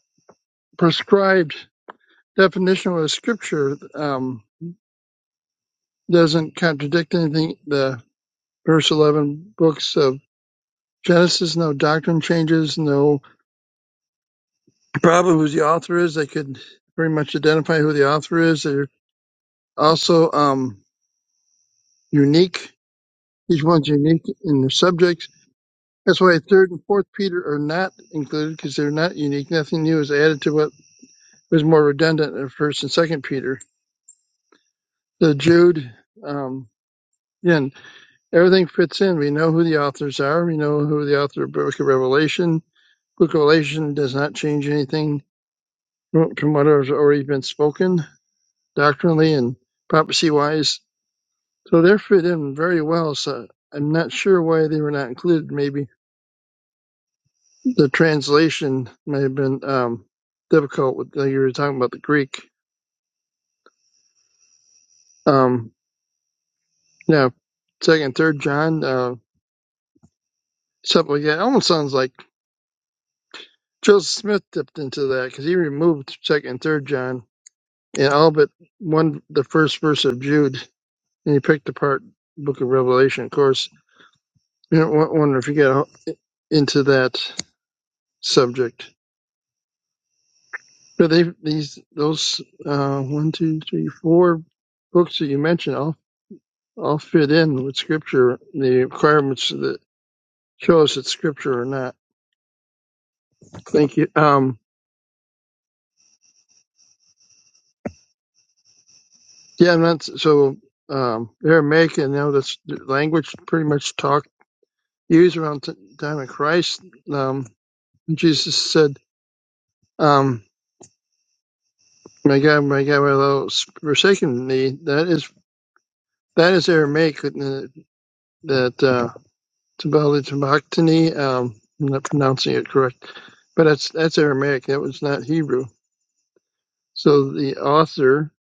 [SPEAKER 4] prescribed definition of the scripture. Um, doesn't contradict anything. The verse eleven books of Genesis, no doctrine changes, no problem who the author is. They could pretty much identify who the author is. They're also um, unique. Each one's unique in their subjects. That's why third and fourth Peter are not included because they're not unique. Nothing new is added to what was more redundant in first and second Peter. The Jude, um, again, everything fits in. We know who the authors are. We know who the author of Book of Revelation. Book of Revelation does not change anything from what has already been spoken doctrinally and prophecy wise. So they're fit in very well. So I'm not sure why they were not included. Maybe the translation may have been um, difficult. With like you were talking about the Greek. Um, yeah, second, third John, uh, something like that. It Almost sounds like Joseph Smith dipped into that because he removed second and third John and all but one the first verse of Jude, and he picked apart Book of Revelation. Of course, I wonder if you got into that subject. So they these those uh, one two three four books that you mentioned all all fit in with scripture the requirements that show us it's scripture or not. Thank you. Um, yeah, and that's so um, Aramaic and now that's the language pretty much talk used around the time of Christ. Um, Jesus said, um, "My God, my God, why thou hast forsaken me?" That is that is Aramaic that uh, Tabali Um, I'm not pronouncing it correct, but that's that's Aramaic. That was not Hebrew. So the author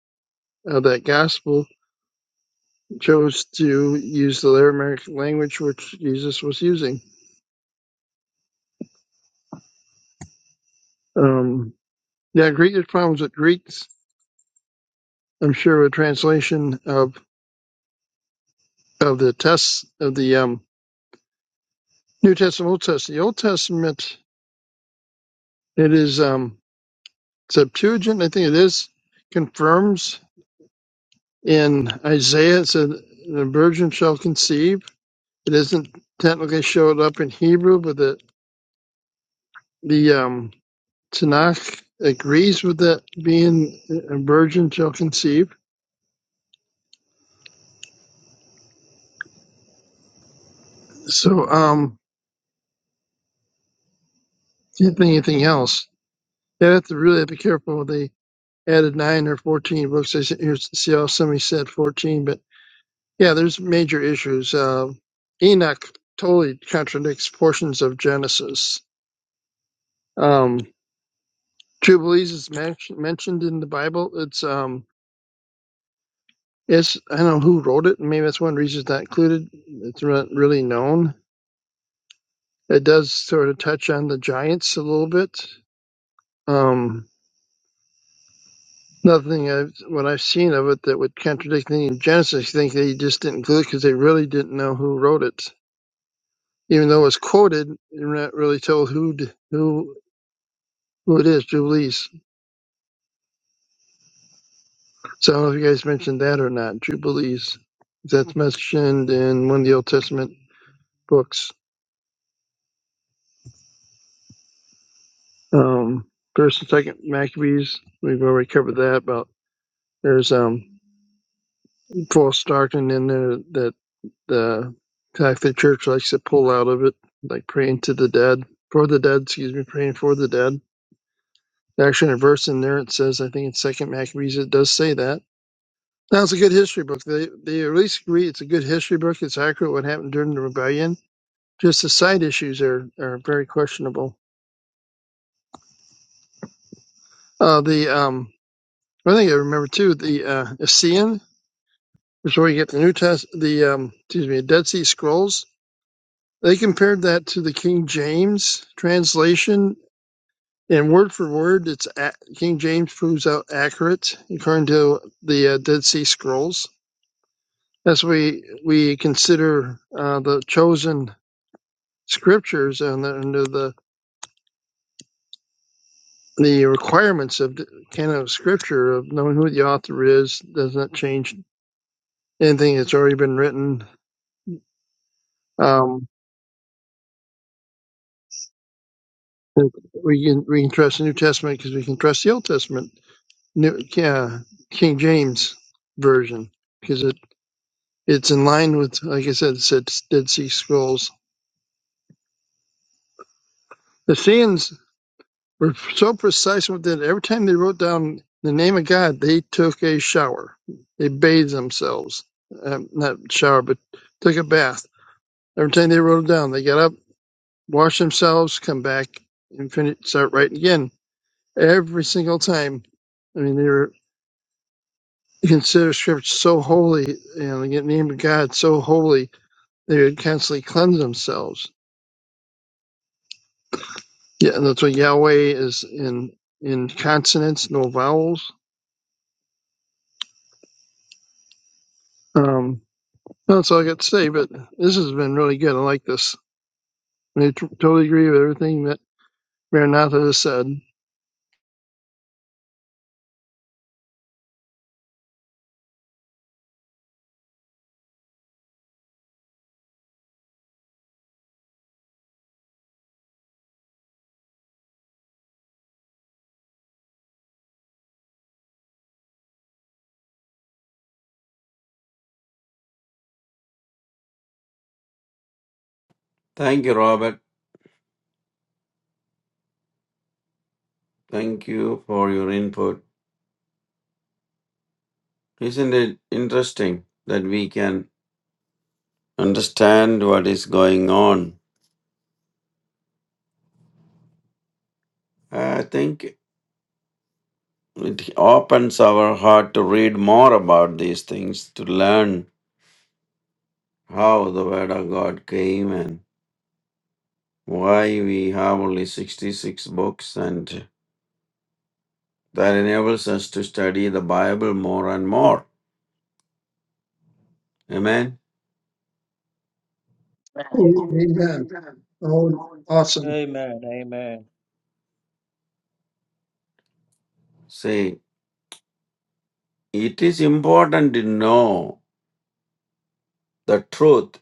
[SPEAKER 4] of that gospel chose to use the Aramaic language which Jesus was using. Um, yeah, Greek. There's problems with Greeks. I'm sure with translation of of the tests of the um, New Testament, Old Testament. The Old Testament it is um, Septuagint. I think it is confirms in Isaiah. It said the virgin shall conceive It not technically showed up in Hebrew, but the the um, Tanakh agrees with that being a virgin shall conceive. So, um, can't think anything else. You have to really be careful. when They added nine or fourteen books. I see here's- see how somebody said fourteen, but yeah, there's major issues. Um Enoch totally contradicts portions of Genesis. Um, Jubilees is men- mentioned in the Bible. It's um, It's I don't know who wrote it, and maybe that's one reason it's not included. It's not really known. It does sort of touch on the Giants a little bit. Um, nothing I've, what I've seen of it that would contradict anything in Genesis. I think they just didn't include it because they really didn't know who wrote it, even though it was quoted. You're not really told who who who it is. Jubilees. So I don't know if you guys mentioned that or not. Jubilees. That's mentioned in one of the Old Testament books. Um, first and second Maccabees, we've already covered that. About there's um false doctrine in there that uh, like, the Catholic Church likes to pull out of it, like praying to the dead for the dead. Excuse me, praying for the dead. Actually, in a verse in there, it says I think in Second Maccabees it does say that. Now it's a good history book. They they at least agree it's a good history book. It's accurate what happened during the rebellion. Just the side issues are are very questionable. Uh, the um I think I remember too the uh, Essene. That's where you get the New Test, the um, excuse me, Dead Sea Scrolls. They compared that to the King James translation, and word for word, it's a- King James proves out accurate according to the uh, Dead Sea Scrolls. As we we consider uh, the chosen scriptures and the, under the the requirements of the canon of scripture of knowing who the author is does not change anything that's already been written. Um, We can we can trust the New Testament because we can trust the Old Testament, New, yeah, King James version because it it's in line with like I said, it's it's Dead Sea Scrolls. The Saiyans were so precise with it. Every time they wrote down the name of God, they took a shower. They bathed themselves, um, not shower, but took a bath. Every time they wrote it down, they got up, washed themselves, come back, and finish, start writing again. Every single time. I mean, they were to consider scripture so holy and the name of God so holy they would constantly cleanse themselves. Yeah, and that's what Yahweh is in in consonants, no vowels. Um, that's all I got to say. But this has been really good. I like this. I t- totally agree with everything that Maranatha has said.
[SPEAKER 2] Thank you, Robert. Thank you for your input. Isn't it interesting that we can understand what is going on? I think it opens our heart to read more about these things, to learn how the Word of God came and why we have only 66 books, and that enables us to study the Bible more and more. Amen.
[SPEAKER 4] Amen. Oh, awesome.
[SPEAKER 3] Amen. Amen.
[SPEAKER 2] See, it is important to know the truth.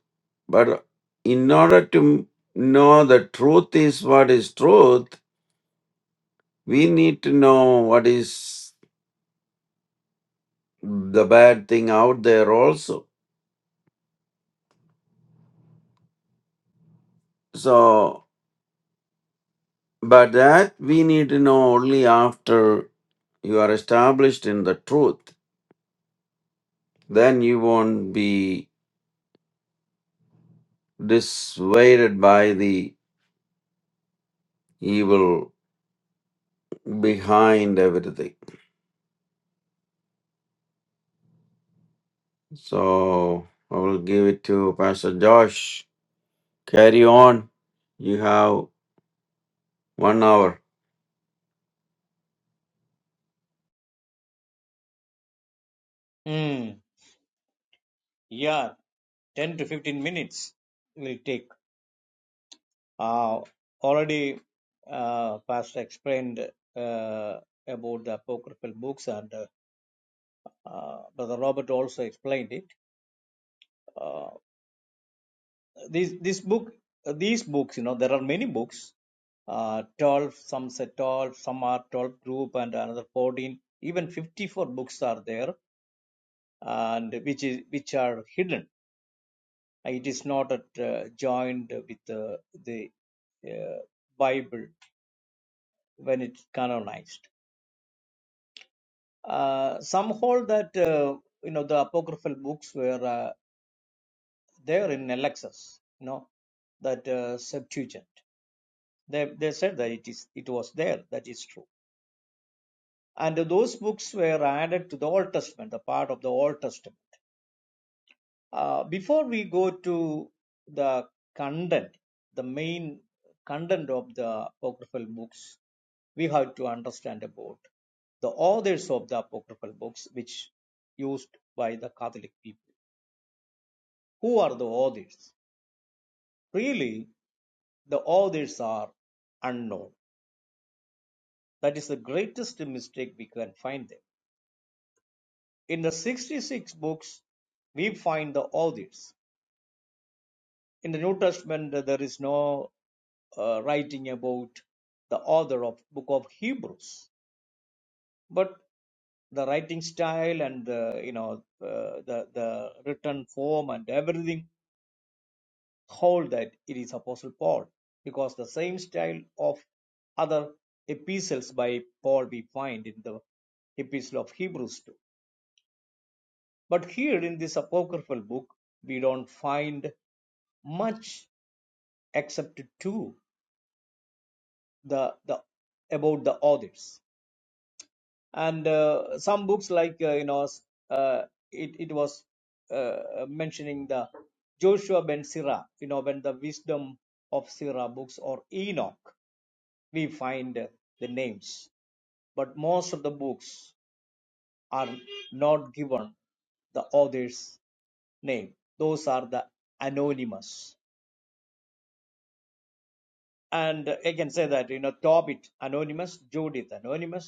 [SPEAKER 2] But in order to know the truth is what is truth, we need to know what is the bad thing out there also. So, but that we need to know only after you are established in the truth. Then you won't be dissuaded by the evil behind everything. So, I will give it to Pastor Josh. Carry on. You have one hour.
[SPEAKER 3] Hmm. Yeah, ten to fifteen minutes will take. Uh, already, uh, Pastor explained uh, about the apocryphal books, and uh, uh, Brother Robert also explained it. Uh, This this book, these books, you know, there are many books. Uh, twelve, some say twelve, some are twelve group, and another fourteen, even fifty-four books are there, and which is which are hidden. Uh, It is not uh, joined with uh, the uh, Bible when it's canonized. Uh, some hold that uh, you know the apocryphal books were uh, there in Alexis, you know that uh, Septuagint. They they said that it is it was there. That is true and those books were added to the Old Testament, the part of the Old Testament. Uh, before we go to the content, the main content of the apocryphal books, we have to understand about the authors of the apocryphal books, which used by the Catholic people. Who are the authors? Really, the authors are unknown. That is the greatest mistake we can find there. In the 66 books, we find the authors in the New Testament, uh, there is no uh, writing about the author of Book of Hebrews, but the writing style and the you know uh, the the written form and everything hold that it is Apostle Paul because the same style of other epistles by Paul we find in the Epistle of Hebrews too. But here in this apocryphal book, we don't find much except two the the about the authors and uh, some books like uh, you know uh, it, it was uh, mentioning the joshua ben sirah you know when the wisdom of sirah books or enoch we find the names but most of the books are not given the author's name those are the anonymous and i can say that you know tobit anonymous judith anonymous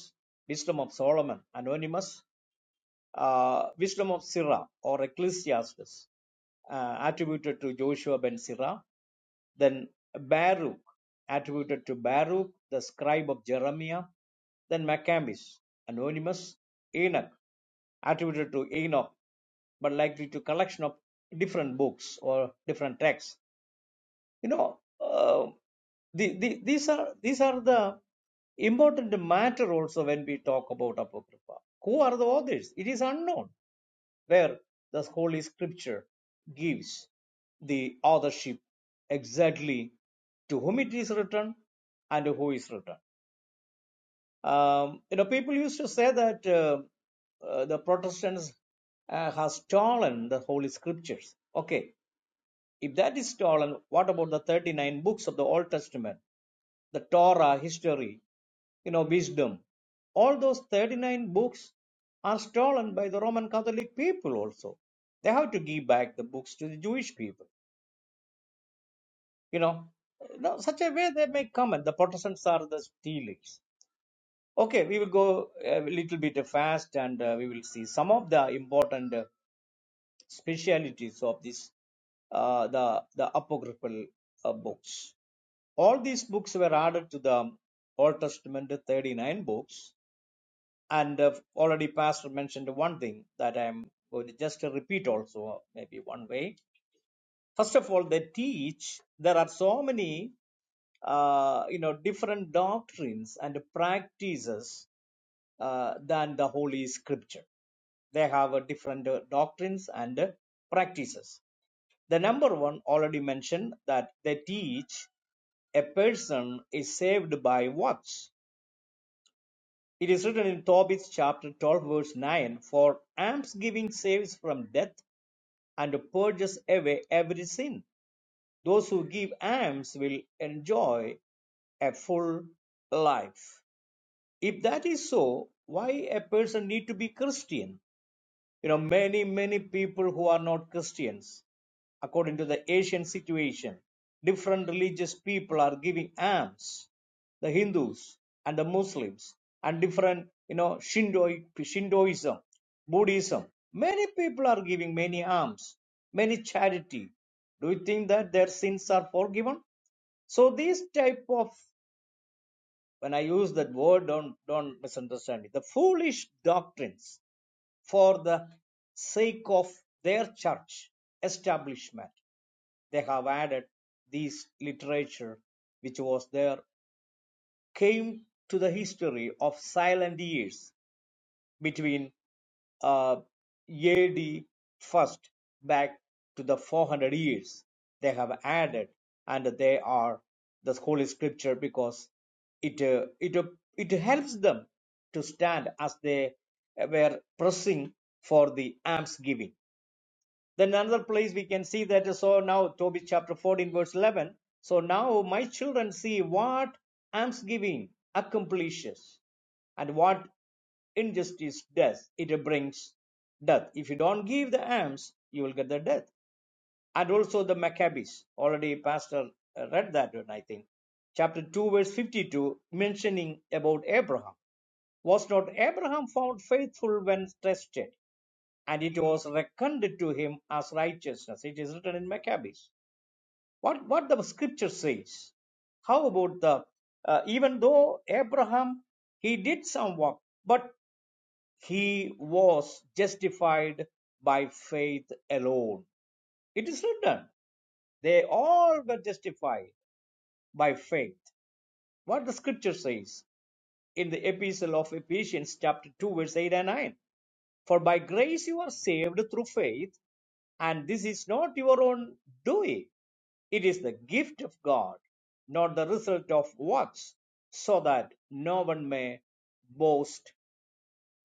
[SPEAKER 3] wisdom of solomon anonymous uh, Wisdom of Sirah or Ecclesiastes uh, attributed to Joshua ben Sirah. Then Baruch attributed to Baruch, the scribe of Jeremiah. Then Maccabees, anonymous. Enoch attributed to Enoch, but likely to collection of different books or different texts. You know, uh, the, the, these are these are the important matter also when we talk about apocrypha. Who are the authors? It is unknown where the Holy Scripture gives the authorship exactly to whom it is written and who is written. Um, you know, people used to say that uh, uh, the Protestants uh, have stolen the Holy Scriptures. Okay, if that is stolen, what about the 39 books of the Old Testament? The Torah, history, you know, wisdom. All those 39 books are stolen by the Roman Catholic people also. They have to give back the books to the Jewish people. You know, now, such a way they make comment. The Protestants are the stealers. Okay, we will go a little bit fast and uh, we will see some of the important uh, specialities of this uh, the the apocryphal uh, books. All these books were added to the Old Testament 39 books, and uh, already Pastor mentioned one thing that I am going to just repeat also, maybe one way. First of all, they teach there are so many uh, you know different doctrines and practices uh, than the Holy Scripture. They have uh, different uh, doctrines and uh, practices the number one already mentioned that they teach a person is saved by what? It is written in Tobit chapter 12, verse 9 For almsgiving saves from death and purges away every sin. Those who give alms will enjoy a full life. If that is so, why a person need to be Christian? you know many many people who are not christians according to the asian situation different religious people are giving alms the hindus and the muslims and different you know shinto shintoism buddhism many people are giving many alms many charity do you think that their sins are forgiven so these type of when i use that word don't don't misunderstand it the foolish doctrines for the sake of their church establishment, they have added this literature, which was there, came to the history of silent years between uh, AD first back to the 400 years they have added and they are the holy scripture because it uh, it uh, it helps them to stand as they were pressing for the alms giving then another place we can see that so now Tobit chapter 14 verse 11. So now my children see what almsgiving accomplishes and what injustice does. It brings death. If you don't give the alms, you will get the death. And also the Maccabees. Already Pastor uh, read that one, I think. Chapter 2 verse 52 mentioning about Abraham. Was not Abraham found faithful when tested? and it was reckoned to him as righteousness. It is written in Maccabees. What what the scripture says? How about the uh, even though Abraham he did some work, but he was justified by faith alone. It is written. They all were justified by faith. What the scripture says in the epistle of Ephesians chapter 2 verse 8 and 9. For by grace you are saved through faith And this is not your own doing, it is the gift of God, not the result of works, so that no one may boast.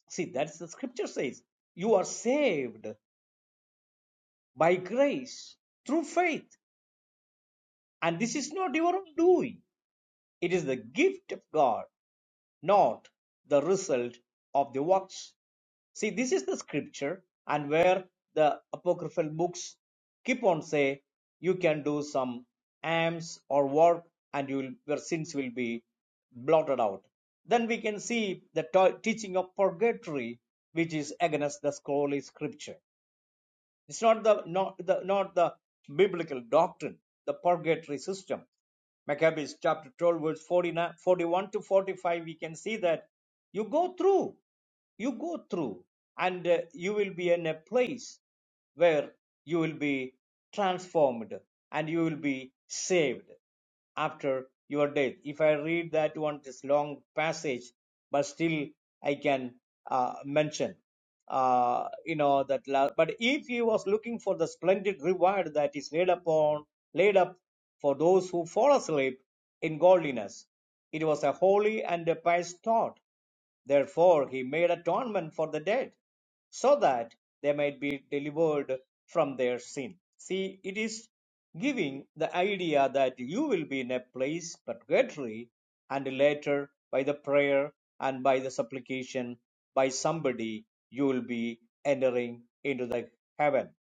[SPEAKER 3] See, that's the scripture says you are saved by grace through faith, and this is not your own doing, it is the gift of God not the result of the works. See, this is the scripture, and where the apocryphal books keep on say you can do some alms or work, and you will, your sins will be blotted out. Then we can see the to- teaching of purgatory, which is against the holy scripture. It's not the not the not the biblical doctrine, the purgatory system. Maccabees chapter 12, verse 49, 41 to 45, we can see that you go through, you go through, and uh, you will be in a place where you will be transformed and you will be saved after your death. If I read that one, this long passage, but still I can uh, mention, uh, you know, that. La- but if he was looking for the splendid reward that is laid upon, laid up for those who fall asleep in godliness, it was a holy and a pious thought. Therefore he made atonement for the dead, so that they might be delivered from their sin. See, it is giving the idea that you will be in a place purgatory and later by the prayer and by the supplication by somebody you will be entering into the heaven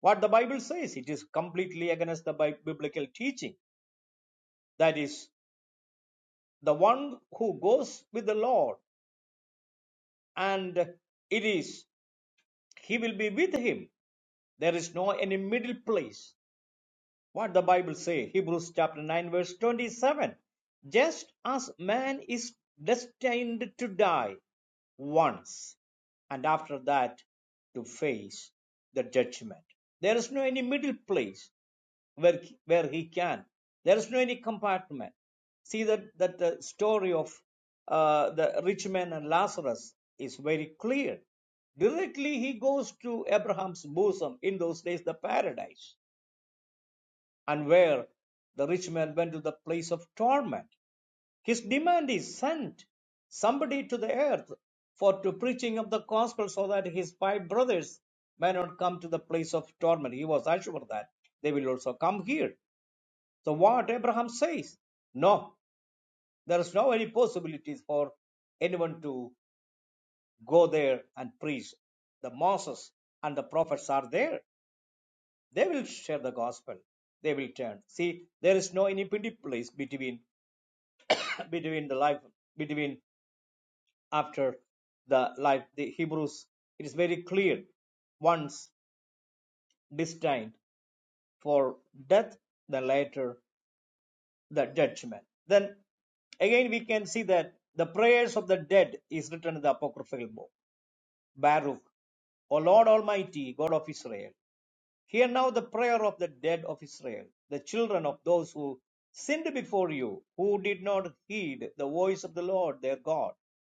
[SPEAKER 3] what the bible says it is completely against the bi- biblical teaching that is the one who goes with the lord and it is He will be with him. There is no any middle place. What the Bible say? Hebrews chapter 9 verse 27. Just as man is destined to die once and after that to face the judgment. There is no any middle place where, where he can. There is no any compartment. See that, that the story of uh, the rich man and Lazarus is very clear. Directly he goes to Abraham's bosom in those days, the paradise and where the rich man went to the place of torment. His demand is sent somebody to the earth for to preaching of the gospel so that his five brothers may not come to the place of torment. He was assured that they will also come here. So what Abraham says, no, there is no any possibilities for anyone to go there and preach. The Moses and the prophets are there. They will share the gospel. They will turn. See, there is no any middle place between between the life between after the life the hebrews it is very clear once destined for death then later the judgment then again we can see that the prayers of the dead is written in the apocryphal book baruch o lord almighty god of israel Hear now the prayer of the dead of Israel, the children of those who sinned before you, who did not heed the voice of the Lord their God,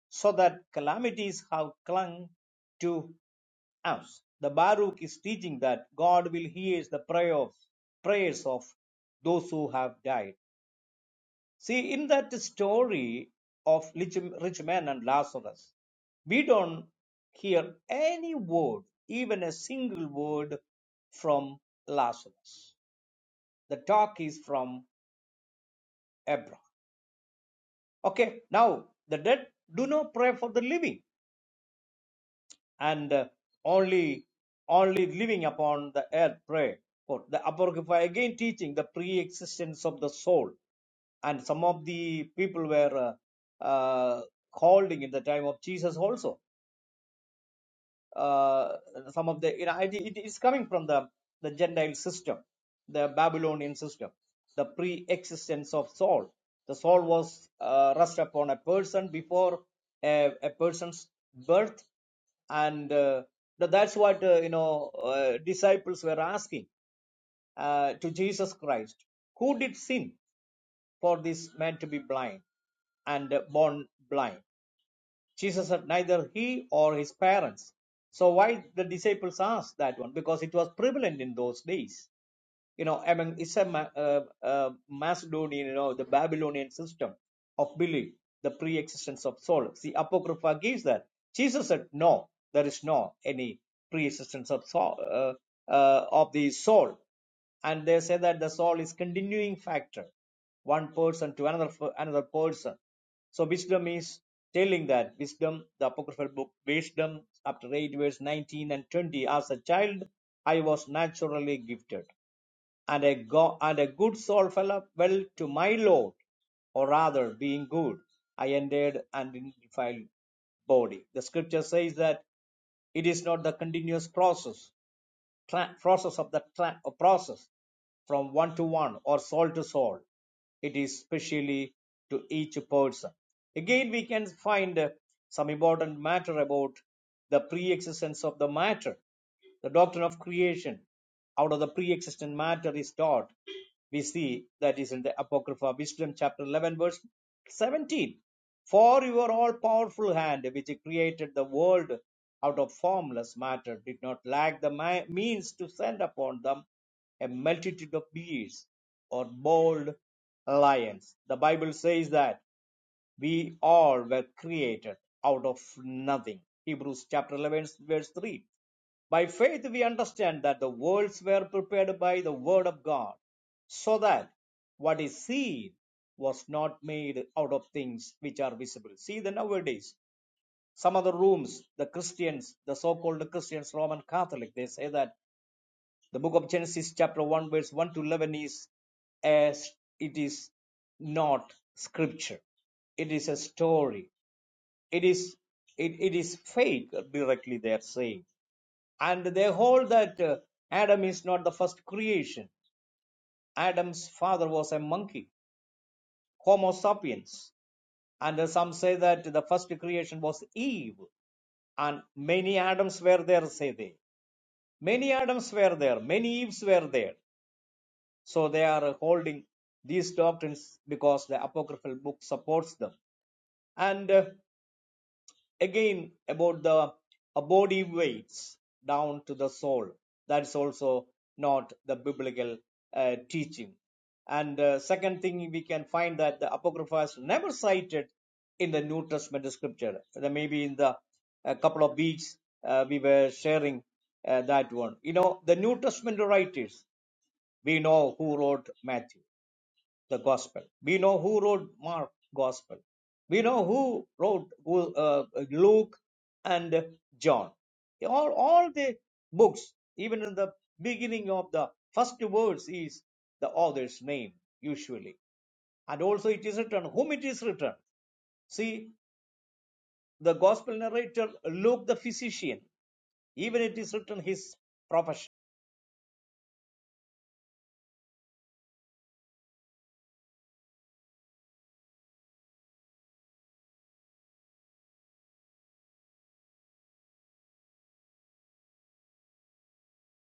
[SPEAKER 3] so that calamities have clung to us. The Baruch is teaching that God will hear the prayer of, prayers of those who have died. See, in that story of rich, rich man and Lazarus, we don't hear any word, even a single word from Lazarus. The talk is from Abraham. Okay, now the dead do not pray for the living, and uh, only only living upon the earth pray for the Apocrypha again teaching the pre-existence of the soul and some of the people were uh, uh, holding in the time of Jesus also. Uh, some of the you know it, it is coming from the the Gentile system, the Babylonian system, the pre-existence of soul. The soul was uh, rest upon a person before a, a person's birth, and uh, th- that's what uh, you know uh, disciples were asking uh, to Jesus Christ, who did sin? for this man to be blind and born blind. Jesus said neither he or his parents. So why the disciples asked that one? Because it was prevalent in those days you know, among it's a Ma- uh, uh, Macedonian, you know, the Babylonian system of belief, the pre-existence of soul. See, Apocrypha gives that. Jesus said, no, there is no any pre-existence of soul, uh, uh, of the soul. And they say that the soul is continuing factor, one person to another f- another person. So wisdom is telling that wisdom, the apocryphal book wisdom, chapter eight, verse nineteen and twenty. As a child, I was naturally gifted and a go and a good soul fell well to my Lord, or rather, being good, I entered and in defiled body. The scripture says that it is not the continuous process process of the process from one to one or soul to soul. It is specially to each person. Again, we can find uh, some important matter about the pre-existence of the matter. The doctrine of creation out of the pre-existent matter is taught. We see that is in the Apocrypha Wisdom, chapter 11, verse 17. For your all powerful hand, which created the world out of formless matter, did not lack the ma- means to send upon them a multitude of beasts or bold lions. The Bible says that we all were created out of nothing. Hebrews chapter 11, verse 3 by faith, we understand that the worlds were prepared by the Word of God, so that what is seen was not made out of things which are visible. See, the nowadays, some of the rooms, the Christians, the so called Christians, Roman Catholic, they say that the book of Genesis, chapter 1, verse 1 to 11, is as it is not scripture it is a story it is it, it is fake directly they are saying and they hold that uh, Adam is not the first creation. Adam's father was a monkey, Homo sapiens. And uh, some say that the first creation was Eve. And many Adams were there, say they. Many Adams were there, many Eves were there. So they are uh, holding these doctrines because the apocryphal book supports them. And uh, again about the uh, body weights down to the soul that's also not the biblical uh, teaching and uh, second thing we can find that the apocrypha is never cited in the new testament scripture There may be in the a couple of weeks uh, we were sharing uh, that one you know the new testament writers we know who wrote matthew the gospel. We know who wrote Mark gospel. We know who wrote uh, Luke and John. All, all the books, even in the beginning of the first words is the author's name usually. And also it is written whom it is written. See the gospel narrator Luke the physician, even it is written his profession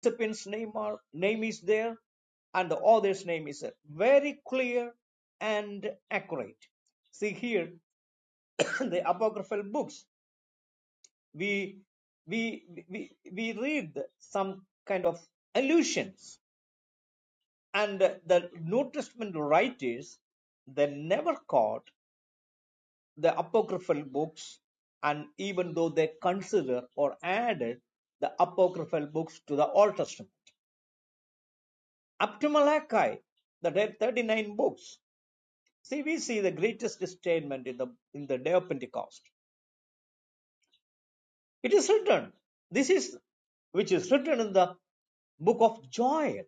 [SPEAKER 3] Participant's name, are, name is there and the author's name is there. very clear and accurate. See here, the apocryphal books, we, we, we, we read some kind of allusions and the New Testament writers, they never caught the apocryphal books and even though they consider or added the apocryphal books to the Old Testament up to Malachi, the dead 39 books. See, we see the greatest statement in the in the day of Pentecost. It is written. This is which is written in the book of Joel,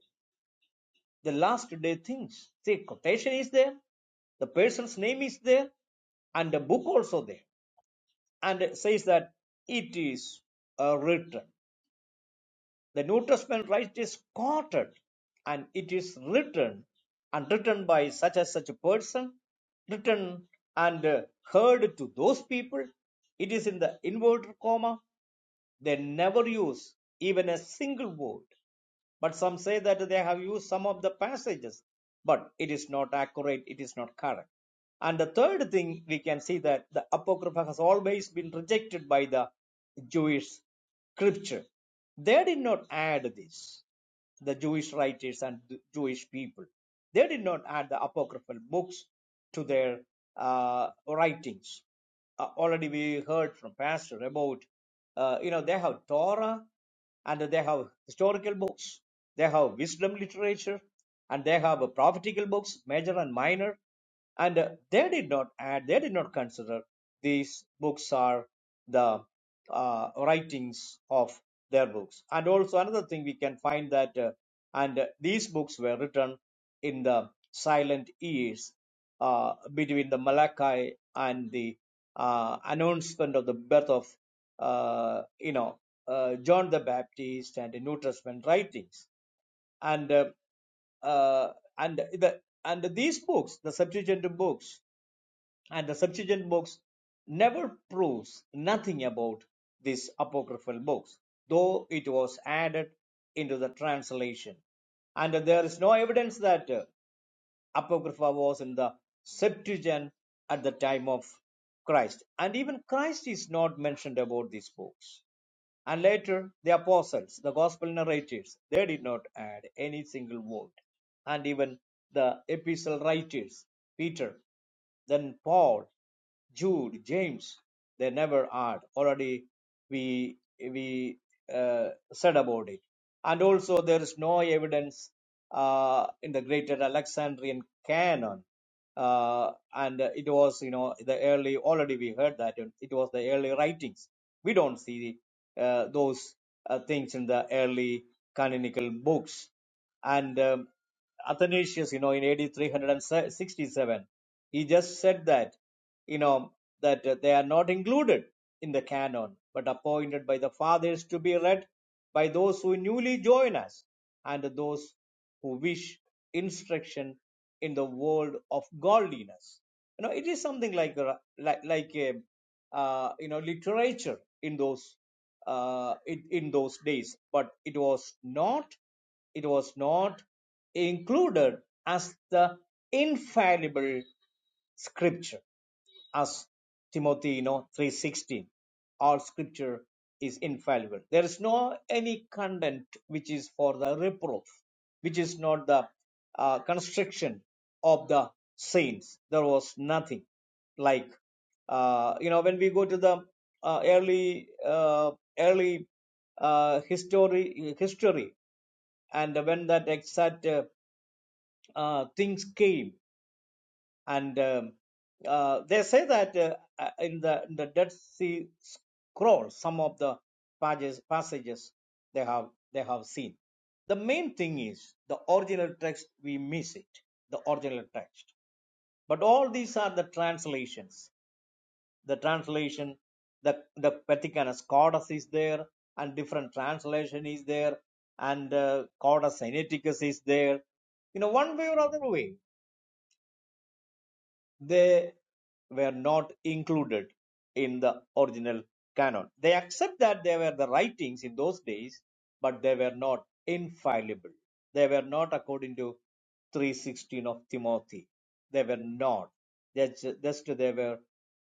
[SPEAKER 3] the last day things. See, quotation is there, the person's name is there, and the book also there. And it says that it is uh, written. The New Testament right is quoted and it is written and written by such and such a person, written and uh, heard to those people. It is in the inverted comma. They never use even a single word. But some say that they have used some of the passages, but it is not accurate, it is not correct. And the third thing we can see that the Apocrypha has always been rejected by the Jewish scripture. They did not add this, the Jewish writers and the Jewish people. They did not add the Apocryphal books to their uh, writings. Uh, already we heard from Pastor about, uh, you know, they have Torah and they have historical books, they have wisdom literature, and they have prophetical books, major and minor. And uh, they did not add, they did not consider these books are the uh, writings of their books. And also another thing we can find that, uh, and uh, these books were written in the silent years uh, between the Malachi and the uh, announcement of the birth of uh, you know uh, John the Baptist and the New Testament writings and uh, uh, and the and these books the subsequent books and the subsequent books never proves nothing about these apocryphal books though it was added into the translation and there is no evidence that uh, Apocrypha was in the Septuagint at the time of Christ. And even Christ is not mentioned about these books. And later, the apostles, the gospel narrators, they did not add any single word. And even the epistle writers, Peter, then Paul, Jude, James, they never add. Already we we uh, said about it, and also there is no evidence uh, in the Greater Alexandrian canon uh, and uh, it was you know the early already we heard that it was the early writings we don't see uh, those uh, things in the early canonical books and um, athanasius you know in AD 367 he just said that you know, that uh, they are not included in the canon, but appointed by the fathers to be read by those who newly join us and those who wish instruction in the world of godliness. You know, it is something like a, like like a uh, you know literature in those uh, in, in those days, but it was not it was not included as the infallible scripture as Timothy, you know, 3.16, all scripture is infallible. There is no any content which is for the reproof, which is not the uh, construction of the saints. There was nothing like, uh, you know, when we go to the uh, early, uh, early uh, history, history, and when that exact uh, uh, things came, and um, uh, they say that uh, uh, in the in the Dead Sea Scroll, some of the pages, passages they have they have seen. The main thing is the original text we miss it, the original text. But all these are the translations. The translation, the the Vaticanus Codex is there, and different translation is there, and uh, Codex Sinaiticus is there. You know, one way or other way, they were not included in the original canon. They accept that they were the writings in those days, but they were not infallible. They were not according to 316 of Timothy. They were not. That's just they were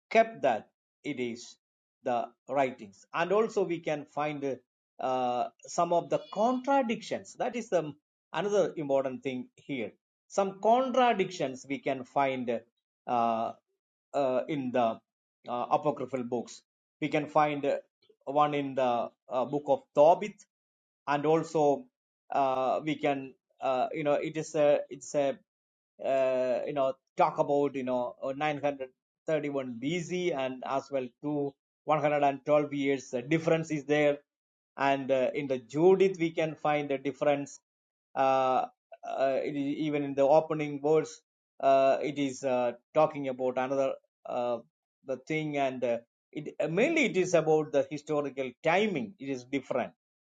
[SPEAKER 3] kept that it is the writings and also we can find uh, some of the contradictions that is the another important thing here some contradictions we can find uh, uh, in the uh, apocryphal books we can find uh, one in the uh, book of tobit and also uh, we can uh, you know it is a it's a uh, you know talk about you know uh, 931 BC and as well to 112 years the difference is there and uh, in the Judith we can find the difference uh, uh, it is- even in the opening verse uh, it is uh, talking about another uh, the thing and uh, it mainly it is about the historical timing it is different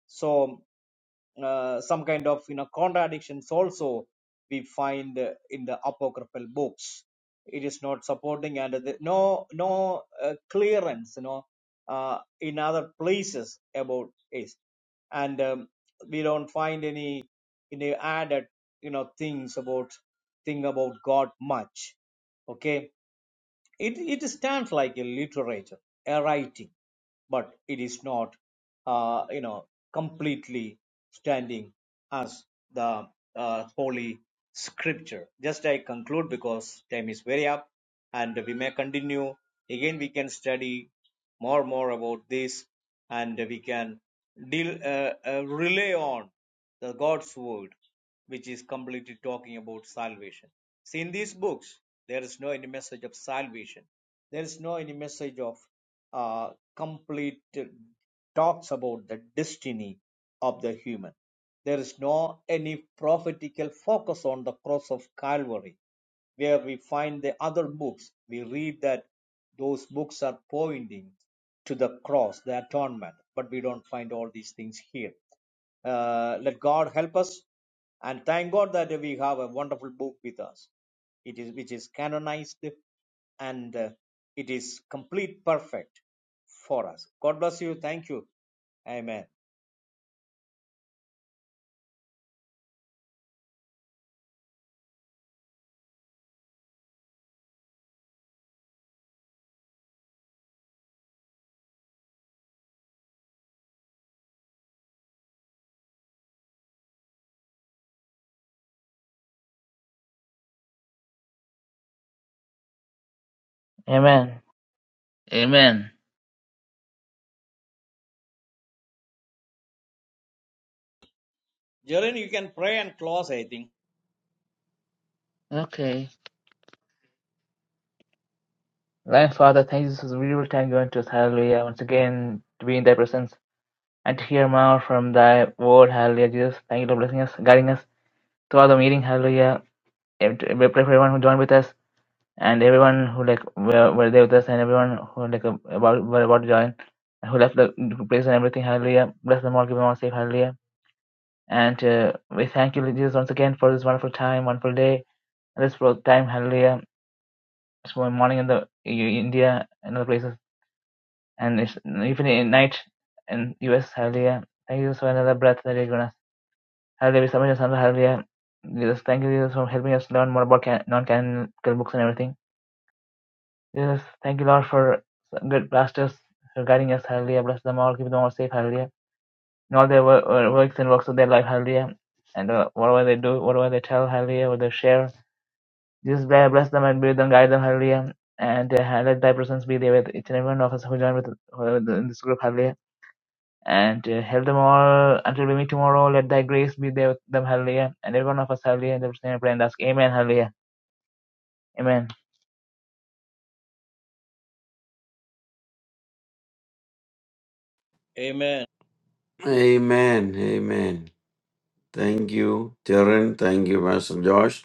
[SPEAKER 3] so uh, some kind of you know contradictions also we find uh, in the apocryphal books it is not supporting and the, no no uh, clearance you know uh, in other places about it and um, we don't find any you know added you know things about thing about god much okay it, it stands like a literature, a writing, but it is not, uh, you know, completely standing as the uh, holy scripture. Just I conclude because time is very up, and we may continue. Again, we can study more and more about this, and we can deal uh, uh, rely on the God's word which is completely talking about salvation. See, in these books, there is no any message of salvation. There is no any message of uh, complete uh, talks about the destiny of the human. There is no any prophetical focus on the cross of Calvary, where we find the other books. We read that those books are pointing to the cross, the atonement, but we don't find all these things here. Uh, let God help us and thank God that we have a wonderful book with us. It is which is canonized and uh, it is complete perfect for us. God bless you. Thank you. Amen.
[SPEAKER 1] Amen. Amen.
[SPEAKER 3] Jaren, you can pray and close, I think.
[SPEAKER 1] Okay. Lion Father, thank you. This is a beautiful time going to us. Hallelujah. Once again, to be in thy presence and to hear more from thy word. Hallelujah. Jesus, thank you for blessing us, guiding us throughout the meeting. Hallelujah. And We pray for everyone who joined with us. and everyone who like were, were there with us and everyone who like ab- about were about to join and who left the place and everything hallelujah bless them all give them all safe hallelujah and uh, we thank you Lord jesus once again for this wonderful time wonderful day and this for time hallelujah it's for morning in the in india and other places and it's evening in night in us hallelujah thank you jesus for another breath that you're gonna hallelujah we submit your son hallelujah jesus thank you jesus for helping us learn more about can- non-canonical books and everything Jesus, thank you, Lord, for good pastors for guiding us, hallelujah. Bless them all, keep them all safe, hallelujah. In all their wo- uh, works and works of their life, hallelujah. And uh, whatever they do, whatever they tell, hallelujah, what they share, Jesus, bless bless them and be with them, guide them, hallelujah. And uh, let thy presence be there with each and every one of us who join with, with in this group, hallelujah. And uh, help them all until we meet tomorrow. Let thy grace be there with them, hallelujah. And every one of us, hallelujah. In the name of pray and ask, Amen, hallelujah. Amen.
[SPEAKER 3] Amen.
[SPEAKER 2] Amen. Amen. Thank you, Darren. Thank you, Pastor Josh.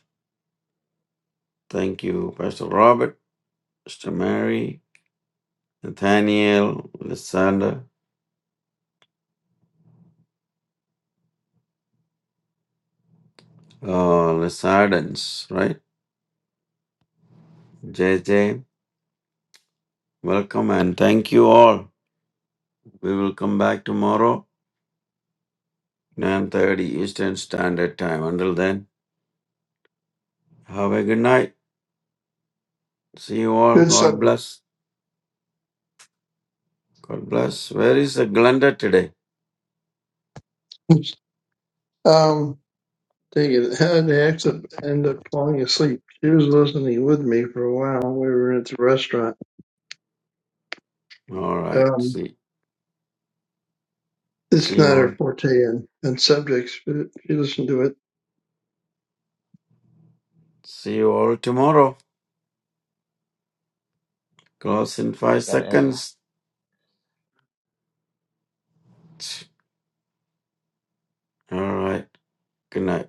[SPEAKER 2] Thank you, Pastor Robert, Mr. Mary, Nathaniel, Lysander, uh, Lysadens, right? JJ, welcome and thank you all. We will come back tomorrow, 9.30 Eastern Standard Time. Until then, have a good night. See you all.
[SPEAKER 4] Good
[SPEAKER 2] God
[SPEAKER 4] subject.
[SPEAKER 2] bless. God bless. Where is the Glenda today?
[SPEAKER 4] Um, dang it. How did I had end up falling asleep. She was listening with me for a while. We were at the restaurant.
[SPEAKER 2] All right.
[SPEAKER 4] Um,
[SPEAKER 2] See.
[SPEAKER 4] It's
[SPEAKER 2] See
[SPEAKER 4] not
[SPEAKER 2] you
[SPEAKER 4] her
[SPEAKER 2] all.
[SPEAKER 4] forte and and subjects, but she listened to it,
[SPEAKER 2] See you all tomorrow. Close in five
[SPEAKER 1] Yeah, yeah, yeah.
[SPEAKER 2] seconds. All right. Good night.